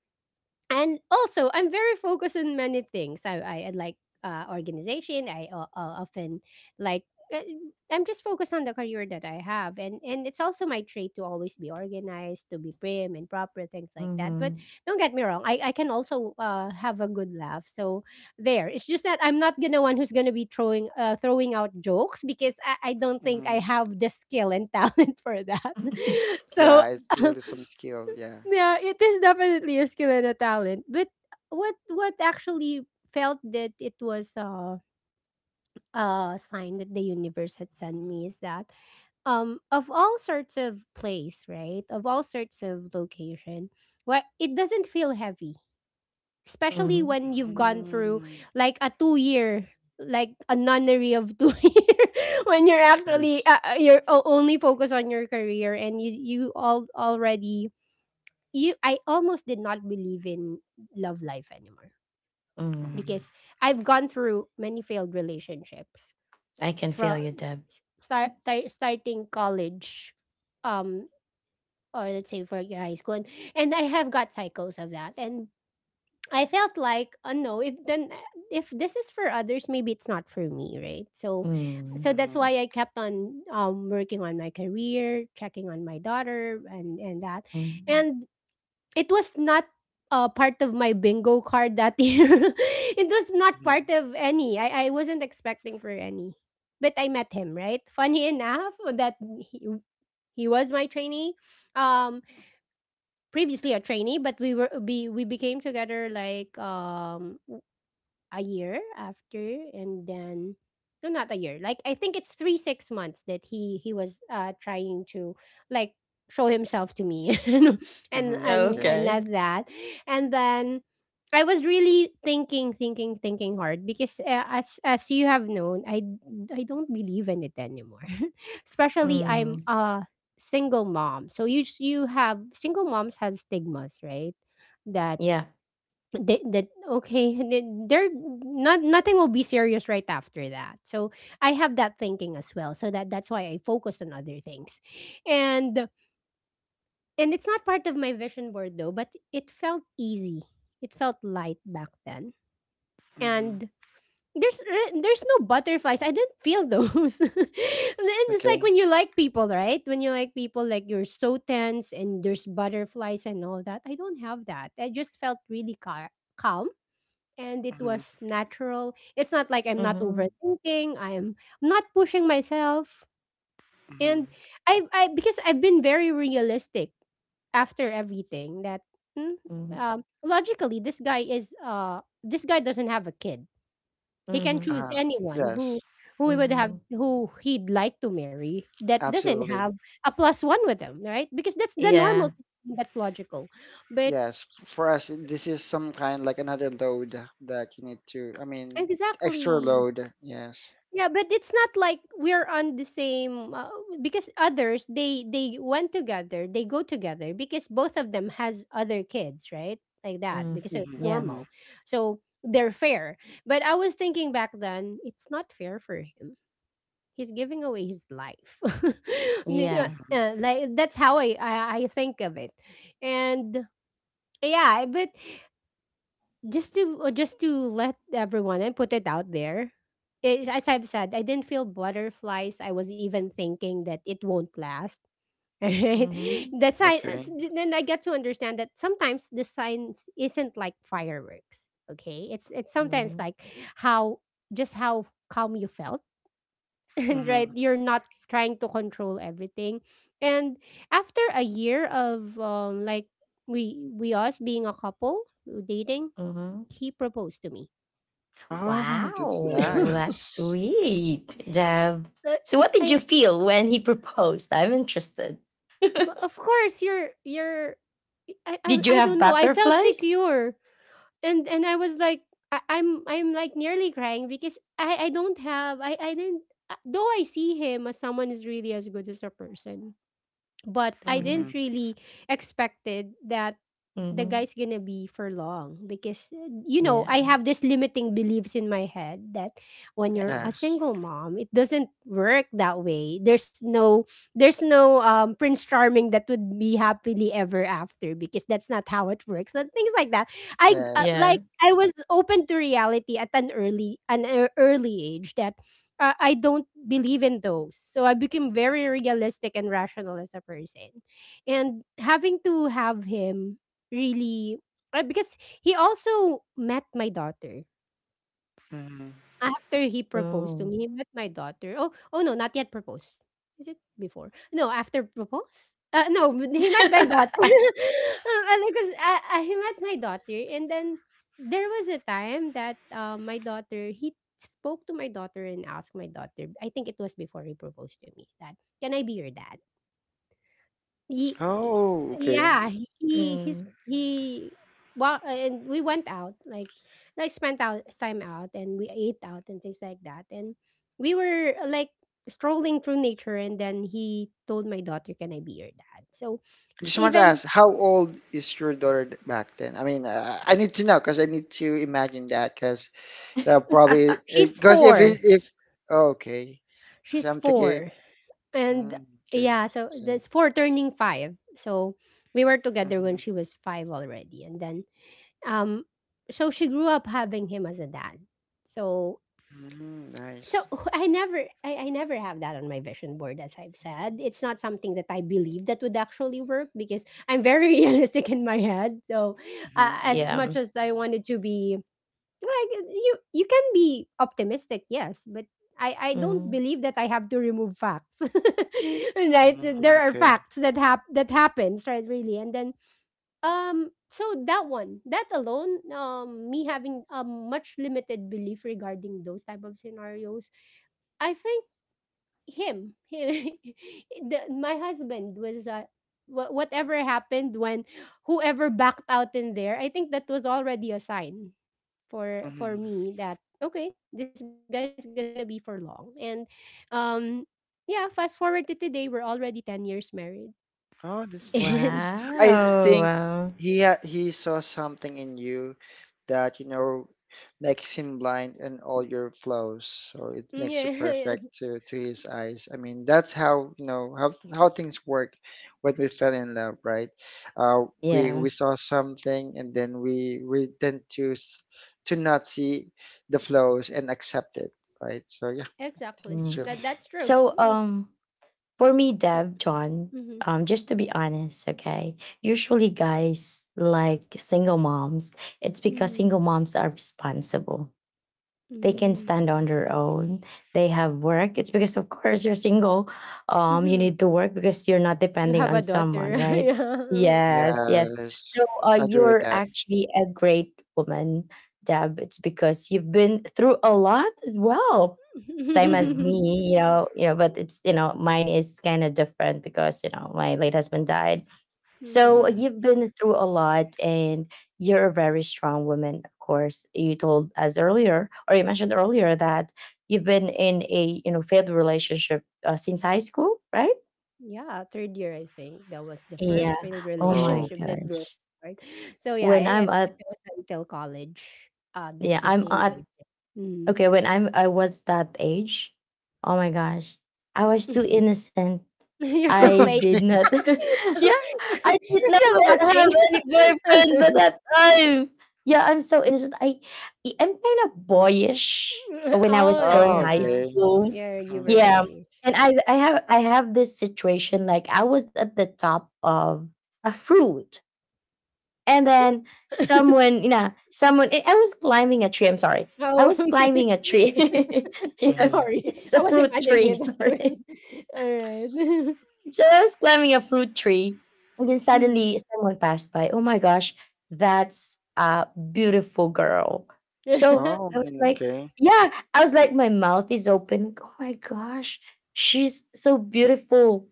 and also I'm very focused on many things. I like organization. Often, like, uh, I'm just focused on the career that I have, and it's also my trait to always be organized, to be prim and proper, things like that. But
Mhm.
don't get me wrong, I can also have a good laugh. So there, it's just that I'm not gonna one who's gonna be throwing throwing out jokes, because I don't think I
Mhm.
have the skill and talent for that. So
Yeah, it's really some skill. Yeah.
yeah, it is definitely a skill and a talent. But what actually felt that it was a sign that the universe had sent me is that, of all sorts of place, right? Of all sorts of location, what it doesn't feel heavy, especially
Mhm.
when you've gone through,
Mm,
like, a 2-year, like, a nunnery of two year, when you're actually
yes.
only focused on your career and you all already you I almost did not believe in love life anymore,
Mm.
because I've gone through many failed relationships
I can feel
from
you, Deb.
starting college, um or let's say for your high school, and I have got cycles of that. And I felt like, oh no, if this is for others maybe it's not for me, right? So
Mm,
that's
Mhm,
why I kept on working on my career, checking on my daughter and that.
mhm.
And it was not part of my bingo card that year. It was not
mhm,
part of any. I wasn't expecting for any. But I met him, right? Funny enough that he was my trainee. Um Previously a trainee, but we became together, like, a year after. And then, no, not a year, like, I think it's 3-6 months that he was trying to, like, show himself to me. and
mm-hmm.
and
Okay.
and
Okay.
not that. And then I was really thinking hard because, as you have known, I don't believe in it anymore, especially
Mm-hmm.
I'm
Mhm.
a single mom. So you have, single moms have stigmas, right? That
Yeah.
that okay, they're not, nothing will be serious right after that. So I have that thinking as well. So that's why I focused on other things. and and it's not part of my vision board, though, but it felt easy. It felt light back then. And
Mm-hmm.
there's there's no butterflies. I didn't feel those. And then it's
Okay.
like when you like people, right, when you like people, like, you're so tense and there's butterflies and all that. I don't have that. I just felt really calm. And it was
Mm-hmm.
natural. It's not like. I'm not
Mhm.
overthinking. I'm not pushing myself. And
Mm-hmm.
I, because I've been very realistic after everything that, mm,
Mhm.
logically, this guy doesn't have a kid. He can
Mhm.
choose
Uh-huh.
anyone
Yes.
Mhm.
who he'd like to marry, that doesn't
Absolutely.
have a plus one with him, right? Because that's the normal
Yeah.
thing. That's logical, but
Yes. For us, this is some kind like another load that you need to. I mean, extra
exactly.
load. Yes.
Yeah, but it's not like we're on the same, because others, they went together, they go together because both of them has other kids, right? Like that,
Mm.
because, so
Mm-hmm.
it's
Yeah.
Mm-hmm.
normal. So they're fair. But I was thinking back then, it's not fair for him. He's giving away his life.
Yeah.
Mm-hmm.
Like, that's how I think of it. And yeah, but just to let everyone and put it out there. It, as I've said, I didn't feel butterflies. I was even thinking that it won't last, right?
Mhm.
Okay.
Then I get to understand that sometimes the science isn't like fireworks. Okay, it's sometimes
Mhm.
like how, just how calm you felt, and, right,
Mm-hmm.
you're not trying to control everything. And after a year of, like, we us being a couple, dating,
Mhm.
he proposed to me.
Oh, that's
Wow, that's
nice.
sweet, Deb.
Uh,
So, what did
I
you feel when he proposed? I'm interested.
Of course you're,
Did you
I
have
don't know. I felt
butterflies?
secure, and I was like, I'm like nearly crying because I don't have I didn't, though I see him as someone who's really as good as a person. But I
Mm-hmm.
didn't
Hmm.
really expected that the
Hmm.
guy's gonna be for long because,
Yeah,
I have this limiting beliefs in my head that when you're
yeah,
a
Yes.
single mom it doesn't work that way. There's no, prince charming that would be happily ever after, because that's not how it works, and things like that. I
Yes.
Like,
yeah.
I was open to reality at an early, early age, that, I don't believe in those. So I became very realistic and rational as a person. And having to have him really, because he also met my daughter.
Mm-hmm.
After he proposed to
Oh.
me, he met my daughter. Oh, no, not yet proposed. Is it before? No, after propose? No, but he met my daughter. Because he met my daughter, and then there was a time that, my daughter he spoke to my daughter and asked my daughter, I think it was before he proposed to me, that, can I be your dad? Ye
Oh, okay.
yeah,
I
he he's
Mm.
he well, and we went out, like, I spent out time out, and we ate out and things like that, and we were, like, strolling through nature, and then he told my daughter, "Can I be your dad?" So,
just want to
even
ask, how old is your daughter back then? I mean, I need to know because I need to imagine that because that probably
she's
because
4,
if okay, because 'Cause
she's
I'm thinking
4, and
mm, okay,
yeah, so
see.
that's 4 turning 5, so we were together when
Mm-hmm.
she was 5 already, and then, um so she grew up having him as a dad. So
Mm-hmm, nice.
So I never, I never have that on my vision board, as I've said. It's not something that I believe that would actually work, because I'm very realistic in my head. So
Mm-hmm,
as
mm-hmm,
Yeah.
much as I wanted to be like, you can be optimistic, yes, but I don't
Mhm.
believe that I have to remove facts. Right?
mm-hmm.
There are
Okay.
facts that that happens, right, really. And then, so that one, that alone, me having a much limited belief regarding those type of scenarios. I think him, him my husband was, whatever happened when whoever backed out in there. I think that was already a sign for
Mm-hmm.
me that, okay, this guy's gonna be for long. And, um, yeah, fast forward to today, we're already 10 years married,
Oh, that's
and
nice. I
Wow.
think
Wow.
he saw something in you that, you know, makes him blind in all your flows. So it
yeah,
makes you
yeah,
perfect to his eyes. I mean, that's how, you know, how things work when we fell in love, right?
Yeah.
We saw something and then we tend to to not see the flows and accept it, right? So yeah,
exactly.
Mm.
that's really
That's true.
So, for me, Deb, John,
Mm-hmm.
just to be honest, okay, usually guys like single moms, it's because
Mm-hmm.
single moms are responsible, they can
Mm-hmm.
stand on their own, they have work. It's because, of course, you're single, you
Mm-hmm.
need to work because you're not
You
depending
have a
on
daughter.
someone, right? Yes, yes.
yes.
So,
I agree with
you're
that.
actually a great woman, Deb. It's because you've been through a lot as well, same as
Mhm,
Yeah.
me, you know, but it's, you know, mine is kind of different because, you know, my late husband died. So
Mhm.
mhm.
you've been through a lot, and you're a very strong woman, of course. You told us earlier or you mentioned earlier that you've been in a, you know, failed relationship since high school, right?
Yeah, third year, I think that was the
Yeah.
first failed
Oh my
Oh.
relationship that broke
gosh.
my heart. So yeah,
When
I
I'm
took it
at
was until college. That's
Yeah,
the
I'm
same
at
way. Mm.
okay, when I was that age, oh my gosh. I was too innocent.
You're still
I
playing.
did
okay.
not. Yeah, I did
You're
not
still
yet have
watching.
any boyfriend by that time. Yeah, I'm so innocent. I'm kind of boyish when I was
Oh,
still in
Oh,
high
yeah,
okay.
school.
yeah. You
Mm-hmm.
were
Yeah,
boyish.
and I have this situation like I was at the top of a fruit, and
A fruit.
then someone, you know, someone. I was climbing a tree. I'm sorry, I
Oh,
was
okay.
climbing a tree. Yeah,
Mm-hmm.
Sorry,
it's a
I was
fruit
imagining
tree.
it as well.
Sorry.
All right.
So I was climbing a fruit tree, and then suddenly someone passed by. Oh my gosh, that's a beautiful girl. So
Mhm.
Oh,
I was like,
okay.
yeah, I was like, my mouth is open. Like, oh my gosh, she's so beautiful.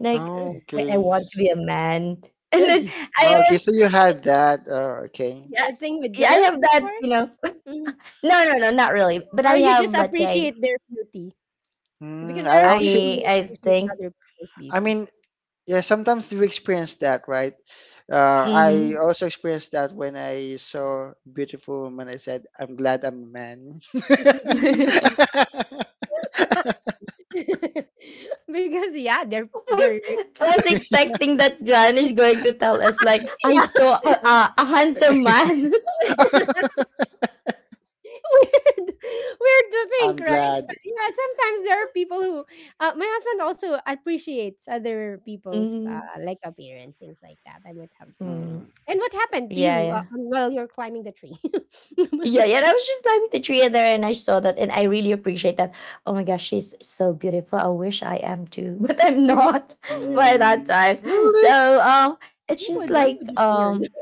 Like,
Oh,
I
okay.
want to
S-
be a man. And then I
oh,
always,
okay, so you had that. Oh, okay.
yeah,
You think with
yeah, I
girls
have that,
before?
you know.
Mhm.
No, no, no, not really. But I
Or you
have,
just
let's say,
appreciate their beauty? Because
Mm, I
there are
also,
people who
I
appreciate
think,
other people's
I
beauty.
mean, yeah, sometimes you experience that, right?
mm-hmm.
I also experienced that when I saw beautiful woman. I said, "I'm glad I'm a man."
Because yeah,
I
they're,
was, I was expecting that John is going to tell us like I
yeah,
saw a handsome man.
weird weird to think,
I'm
right?
glad.
But yeah, sometimes there are people who, my husband also appreciates other people's,
Mm-hmm.
like, appearance, things like that. I might have to say.
Mhm.
And what happened to
Yeah,
you,
yeah.
while you're climbing the tree?
Yeah, yeah, I was just climbing the tree and there and I saw that and I really appreciate that. Oh my gosh, she's so beautiful. I wish I am too, but I'm not by that
Mm.
time.
Really?
So it's
Who
just
would Why
Mm-hmm.
would
like
you say your name?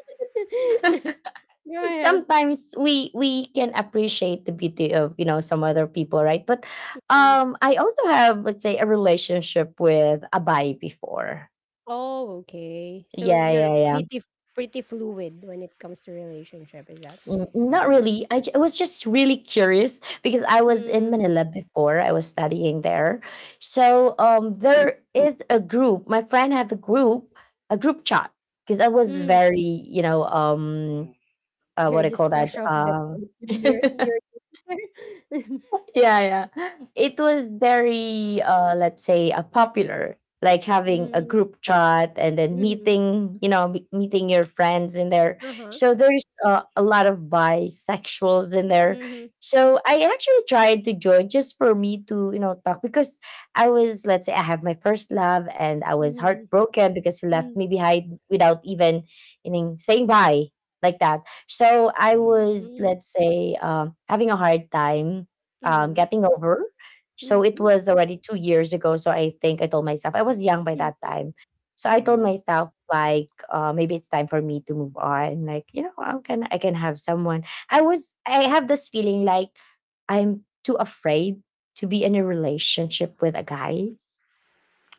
Go ahead.
sometimes we can appreciate the beauty of some other people, right? but
Mm.
um I also have, let's say, a relationship with a guy before.
Oh, okay. So
yeah
you're
yeah yeah
pretty fluid when it comes to relationship, is that?
Mm, not
Mm-hmm.
really. I was just really curious because I was in
Mm,
Manila before. I was studying there. So there is a group. My friend have a group chat, because I was
mm.
very, you know,
You're
what I
just
call
fresh
that
off the boat. You're
yeah, yeah. It was very, let's say, popular. Like having a
mm,
group chat and then
mm-hmm.
meeting, you know, meeting your friends in there.
Uh-huh.
So there's a lot of bisexuals in there.
Mm-hmm.
So I actually tried to join just for me to, you know, talk, because I was, let's say, I have my first love and I was
Mm-hmm.
heartbroken because he left me behind without even, you know, saying bye like that. So I
Mm-hmm.
was,
Mm-hmm.
let's say, having a hard time
Mm-hmm.
getting over. So it
Mm-hmm.
was already 2 years ago. So I think I told myself I was young by that
Mm.
time. So I told
Mm-hmm.
myself like maybe it's time for me to move on. Like, you know, I can have someone. I have this feeling like I'm too afraid to be in a relationship with a guy.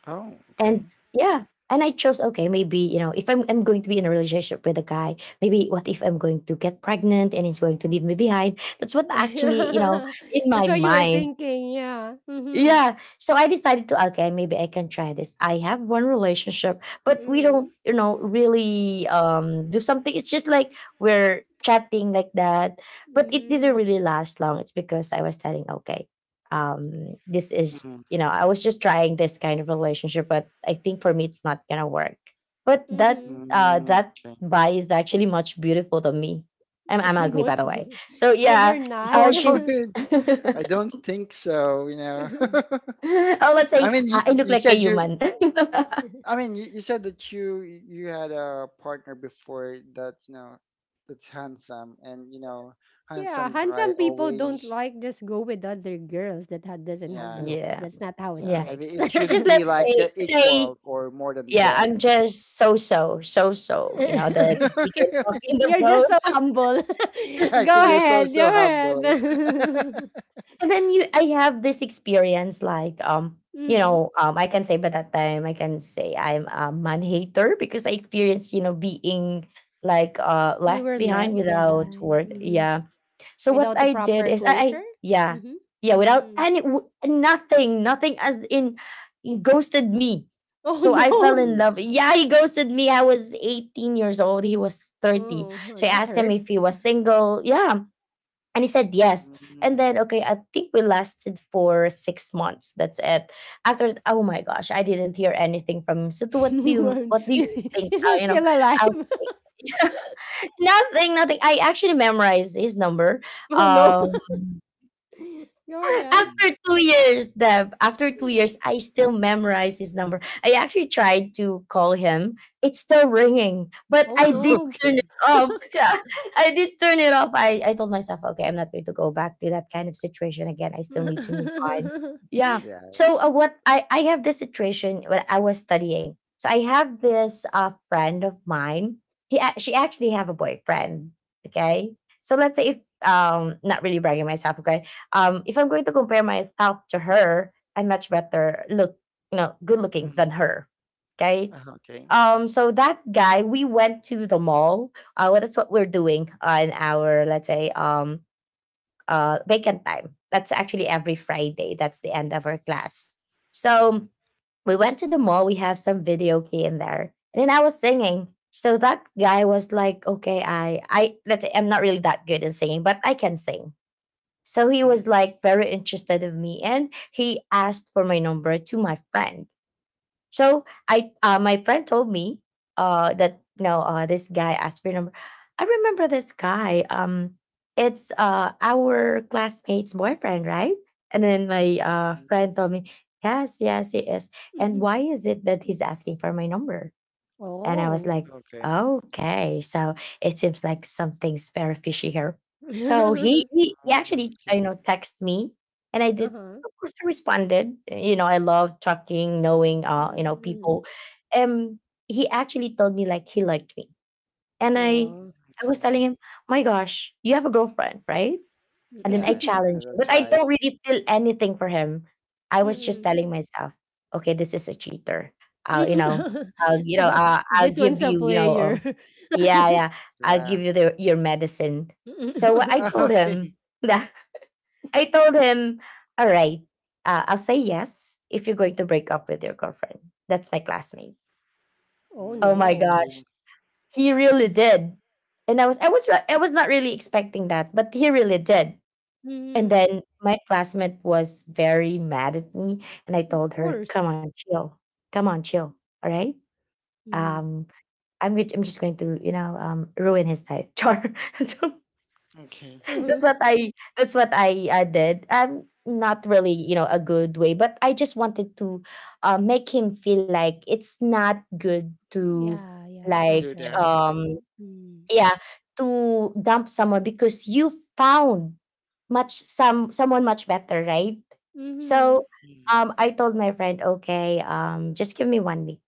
Oh, okay.
And yeah, and I chose, okay, maybe, you know, if I'm going to be in a relationship with a guy, maybe what if I'm going to get pregnant and he's going to leave me behind? That's what actually, you know, in
That's
my
what you were
mind.
thinking, yeah. Mm-hmm.
Yeah. So I decided to, okay, maybe I can try this. I have one relationship, but we
Mm-hmm.
don't, you know, really do something. It's just like we're chatting like that. But it didn't really last long. It's because I was telling, okay, this is,
Mm,
you know, I was just trying this kind of relationship, but I think for me it's not gonna work. But that
Mm-hmm.
uh
mm,
that
okay.
guy is actually much beautiful than me. I'm ugly
Mm.
by
Most
the way. So
ah, you're
yeah,
not?
No, no,
she's
it, I don't think so, you know.
oh, let's
I
say
mean,
I look
you
like a
said you,
human.
I mean, you said that you had a partner before that, you know, that's handsome and, you know,
Yeah,
handsome guy
handsome people don't
always,
like just go with other girls that doesn't have
yeah,
looks.
yeah,
That's not how it
yeah.
yeah.
I mean,
works.
it
It's
should
just,
be
let's
like
say,
they're
let's say,
equal or more than
yeah,
them.
I'm just so so so so. You know, that you can walk in
Really?
the
You're
road,
just so humble.
I think you're so,
Go
so
ahead.
humble.
and then you, I have this experience like. You
Mm.
know, I can say by that time I can say I'm a man hater, because I experienced, you know, being like
You
left
were
behind
left
without
behind,
word.
Mm.
mhm,
Yeah. So what
without the
I did
proper
is I
closure.
yeah
Hmm.
yeah, without
Mm.
any nothing, as in, he ghosted me.
Oh
So I fell
no!
in
Oh.
love. Yeah, he ghosted me. I was 18 years old. He was 30.
Oh, huh,
So I
that
asked him if
hurts.
he was single. Yeah. And he said yes. And then, okay, I think we lasted for 6 months. That's it. After, oh my gosh, I didn't hear anything from him. So, to
Is
what do you think?
he
You know,
still
I'll.
alive?
Nothing, nothing. I actually memorized his number.
Oh no!
Um,
Go ahead.
Mhm.
after 2 years, Deb, after 2 years, I still memorize his number. I actually tried to call him. It's still ringing, but
Oh,
I did
no.
turn
Okay.
it off. Yeah, I did turn it off. I told myself, okay, I'm not going to go back to that kind of situation again. I still need to move on. Yeah. So
Yes.
I have this situation when I was studying. So I have this friend of mine. She actually have a boyfriend. Okay. So let's say if not really bragging myself. Okay, if I'm going to compare myself to her, I'm much better look, you know, good looking
Mm.
than her. Okay.
Okay.
So that guy, we went to the mall. Well, that's what we're doing in our, let's say, vacant time. That's actually every Friday. That's the end of our class. So
Mhm.
we went to the mall. We have some video key in there, and then I was singing. So that guy was like, "Okay, let's say, I'm not really that good in singing, but I can sing." So he
Mm,
was like very interested of me, and he asked for my number to my friend. So I, my friend told me, that no, this guy asked for your number. I remember this guy. It's our classmate's boyfriend, right? And then my
mm,
friend told me, yes, yes, he is. And
Mhm.
why is it that he's asking for my number? And I was
Oh.
like,
okay.
okay, so it seems like something's very fishy here. So he
Mm,
actually,
okay.
you know, texted me, and I did,
Uh-huh.
of course, I responded. You know, I love talking, knowing you
Mm,
know,
mm.
people. Um, he actually told me like he liked me, and
Oh.
I
Okay.
was telling him, my gosh, you have a girlfriend, right? And then I
Yes,
challenge him.
that's
But I
right.
don't really feel anything for him. I was just
Mm,
telling myself, okay, this is a cheater. I'll, you know,
Mhm.
mm.
I'll, you know, I'll
This
give
one's a
you, you know,
player.
yeah, yeah, I'll
Yeah.
give you the, your medicine. So what I
Mm.
told
Okay.
him, that I told him, all right, I'll say yes if you're going to break up with your girlfriend. That's my classmate.
Oh,
Oh
Mm,
my
no.
okay.
gosh, he really did. And I was not really expecting that, but he really did. And
Mhm.
then my classmate was very mad at me, and I
Of
told her,
course.
"Come on, chill. Come on, chill. All right.
Mm.
Um, I'm just going to, you know, ruin his life." Char. So
Okay.
Uh-huh.
that's what I that's what I did. Not really, you know, a good way, but I just wanted to make him feel like it's not good to
Yeah, yeah, it's
To
like
not
do that.
right.
um
Mm.
yeah, to dump someone because you found much some someone much better, right?
Mhm.
So
Mm,
I told my friend, okay, just give me 1 week.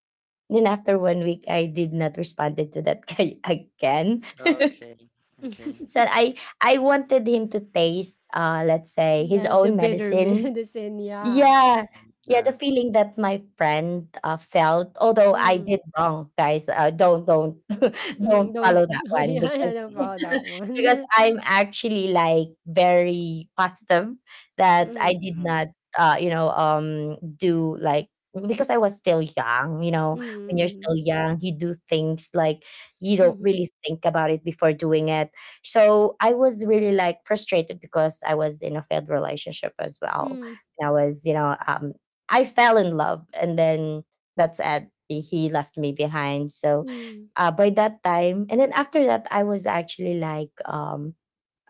Then after 1 week I did not responded to that guy again.
okay. Okay.
So I wanted him to taste let's say his
The
own
bitter man,
medicine.
the sin, yeah.
Mm,
Yeah. Yeah,
yeah.
the feeling that my friend felt, although I
Mhm.
did wrong, guys. Don't don't
Mm, don't,
follow that one,
yeah, yeah,
because
don't
Mm,
follow that
because
one.
I'm actually like very positive that I
Mm,
did
mhm,
not you know, do like, because I was still young, you know, when you're still
mhm,
young, you do things like you don't
mhm,
really think about it before doing it. So I was really like frustrated because I was in a failed relationship as well,
mhm,
and I was, you know, I fell in love, and then that's it. He left me behind. So
mhm,
by that time, and then after that, I was actually like um,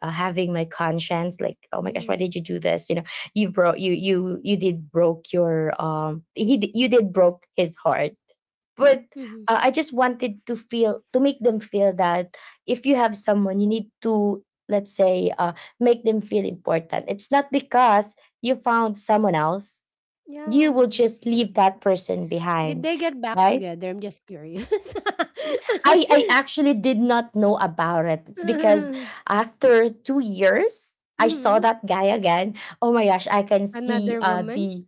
uh, having my conscience, like, oh my gosh, why
mhm,
did you do this? You know, you did broke your you did broke his heart. But
mhm.
I just wanted to feel to make them feel that if you have someone, you need to, let's say, make them feel important. It's not because you found someone else, you will
Yeah.
just
mhm,
leave that person
Did
behind,
they get back
right?
together? I'm just curious.
I actually did not know about it. It's because after 2 years. I saw
Mhm.
that guy again. Oh my gosh, I can see
Another woman?
the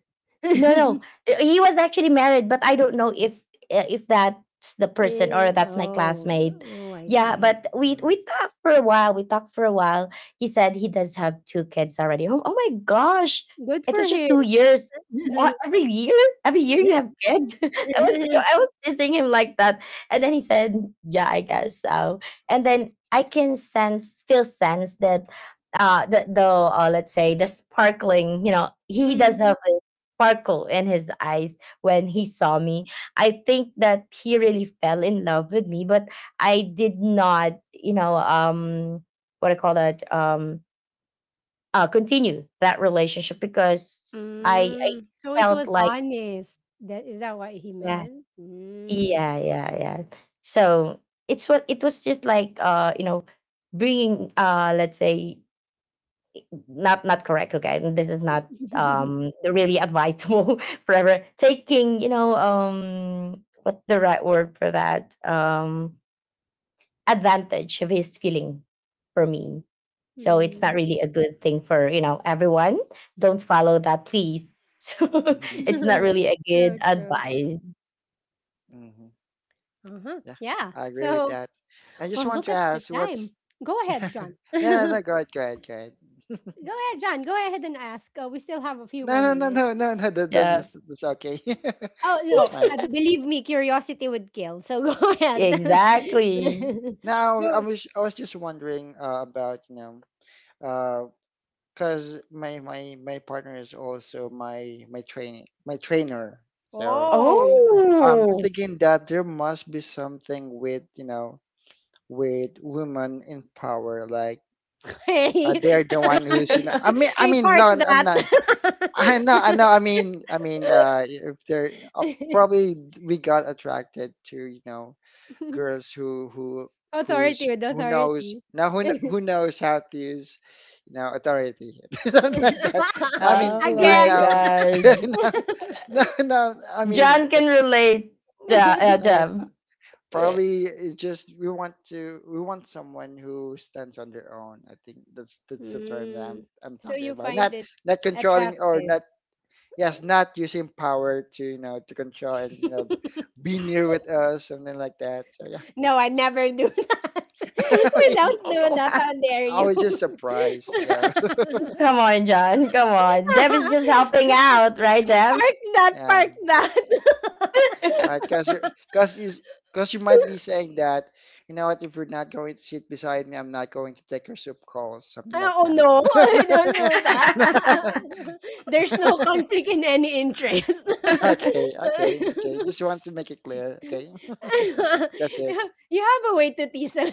no, no. He was actually married, but I don't know if that's the person
Eh,
or that's my
oh,
classmate.
oh, I
Yeah,
see.
mhm,
but we
mhm,
we talked for a while. We talked for a while. He said he does have two kids already. Oh, oh my gosh.
Good
It
for
was just
him.
2 years. Every year? Every year you have kids? I was, you know, I was teasing him like that. And then he said, "Yeah, I guess so." And then I can sense still sense that the let's say the sparkling, you know, he
Mm,
does have sparkle in his eyes when he saw me. I think that he really fell in love with me, but I did not, you know, what I call that, continue that relationship because I
mm. So it
felt
was
like,
honest. That what he
yeah,
meant? Mm.
yeah. So it was just like, you know, bringing, let's say, not correct. Okay, this is not really advisable forever, taking, you know, what's the right word for that, advantage of his feeling for me. So it's
Mm.
not really a good thing for, you know, everyone. Don't follow that, please. So
mhm, mhm,
it's not really a good
True, true.
advice.
mhm.
Uh-huh.
Yeah,
Yeah.
I agree with
So,
that. I just
well,
want
look
to
at the
ask, what's?
time. Go ahead, John.
No, no,
Go
no. Go ahead. Go ahead. Go ahead.
ahead, John. Go ahead and ask. We still have a few
No,
more
no, no, no,
minutes.
no, no.
Yeah,
That's okay.
Oh, no.
That's fine.
Believe me, curiosity would kill. So go ahead.
exactly.
Now,
Go.
I was just wondering about you know, uh, cause my partner is also my training my trainer. So
Oh.
I'm
Oh.
thinking that there must be something with you know with women in power, like
Hey.
they're the one who's you know. I
Hey,
mean,
park
no, I'm not.
that.
I know, I know. I mean, if they're uh, probably we got attracted to you know girls
Authority
who's
with
who knows
authority.
now who knows how to use you know authority something like that. No, I mean
Oh
they
my
Again.
know.
gosh,
No, no I mean
John can relate. Yeah,
I mean
Dev.
probably it's just we want someone who stands on their own. I think that's the term that
Mm.
I'm
So
talking
you
about,
find
not
it
not controlling or
attractive.
not, yes, not using power to you know to control and you know be near with us something like that, so yeah.
No, I never do that. We don't do that. How dare
I
you?
was just surprised. Yeah.
Come on, John. Come on. Deb is just helping out, right, Deb?
Park that,
Yeah.
park that.
Right. Because is because you might be saying that, you know what, if you're not going to sit beside me, I'm not going to take your soup calls, something like
Oh
that.
no, I don't do that. There's no conflict in any interest.
Okay, okay, okay. Just want to make it clear. Okay, that's it.
You have a way to tease. A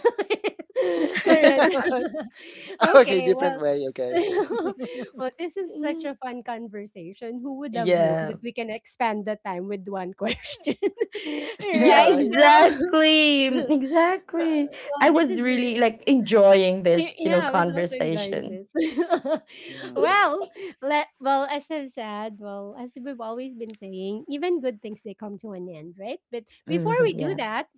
all right.
All right. Okay,
Okay.
different
Well.
way. Okay.
Well, this is such a fun conversation. Who would have known
Yeah.
that we can expand the time with one question,
Yeah,
Yeah,
right?
right.
So,
exactly. Exactly.
well,
I was really like enjoying this, you
yeah.
know,
I was also enjoying
conversation.
this.
Mhm.
Well, let well, as I said, well, as we've always been saying, even good things, they come to an end, right? But before
Hmm,
we do
yeah.
that,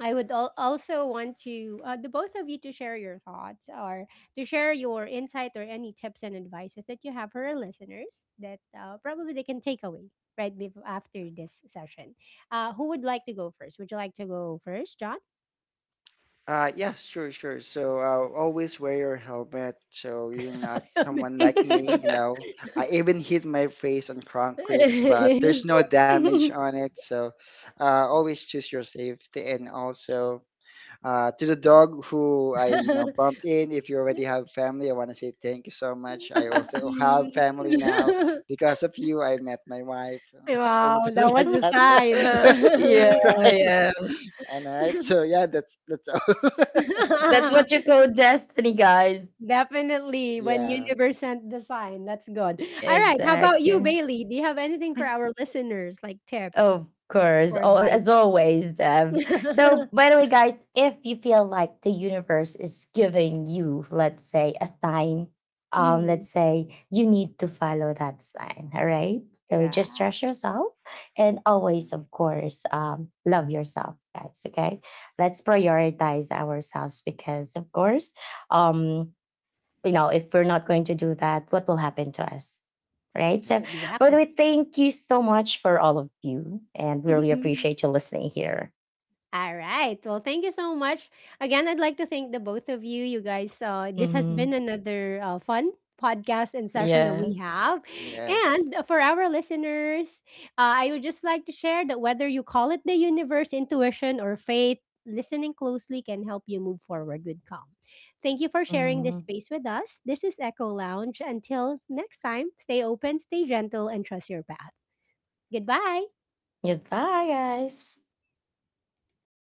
I would also want to, the both of you to share your thoughts, or to share your insight or any tips and advices that you have for our listeners, that, probably they can take away right after this session. Who would like to go first? Would you like to go first, John?
Yes, sure, sure. So, always wear your helmet so you're not someone like me, you know. I even hit my face on concrete, but there's no damage on it. So, always choose your safety. And also, to the dog who I, you know, bumped in, if you already have family, I want to say thank you so much. I also have
Mm.
family now. Because of you, I met my wife and
Wow,
something
that was
like
the sign.
that.
Yeah,
Right?
yeah.
And all right. So, yeah, that's all.
That's what you call destiny, guys.
Definitely, when
Yeah.
universe sent the sign, that's good. All right, how about you,
Exactly.
Bailey? Do you have anything for our listeners, like tips
Of
or
course, as
advices?
always, Deb. So, by the way, guys, if you feel like the universe is giving you, let's say, a sign,
Mhm.
let's say you need to follow that sign, all right? So
Yeah,
just trust yourself and
Mhm.
always, of course, love yourself, guys. Okay. Let's prioritize ourselves because, of course, um, you know, if we're not going to do that, what will happen to us? Right. So,
Yes.
by the way,
exactly.
thank you so much for all of you. And we really appreciate you listening here.
All right. Well, thank you so much. Again, I'd like to thank the both of you. You guys, this has been
Hmm.
another fun podcast and session that
Yeah.
we have.
Yes.
And for our listeners, I would just like to share that whether you call it the universe, intuition, or faith, listening closely can help you move forward with calm. Thank you for sharing this
Hmm.
space with us. This is Echo Lounge. Until next time, stay open, stay gentle, and trust your path. Goodbye.
Goodbye, guys.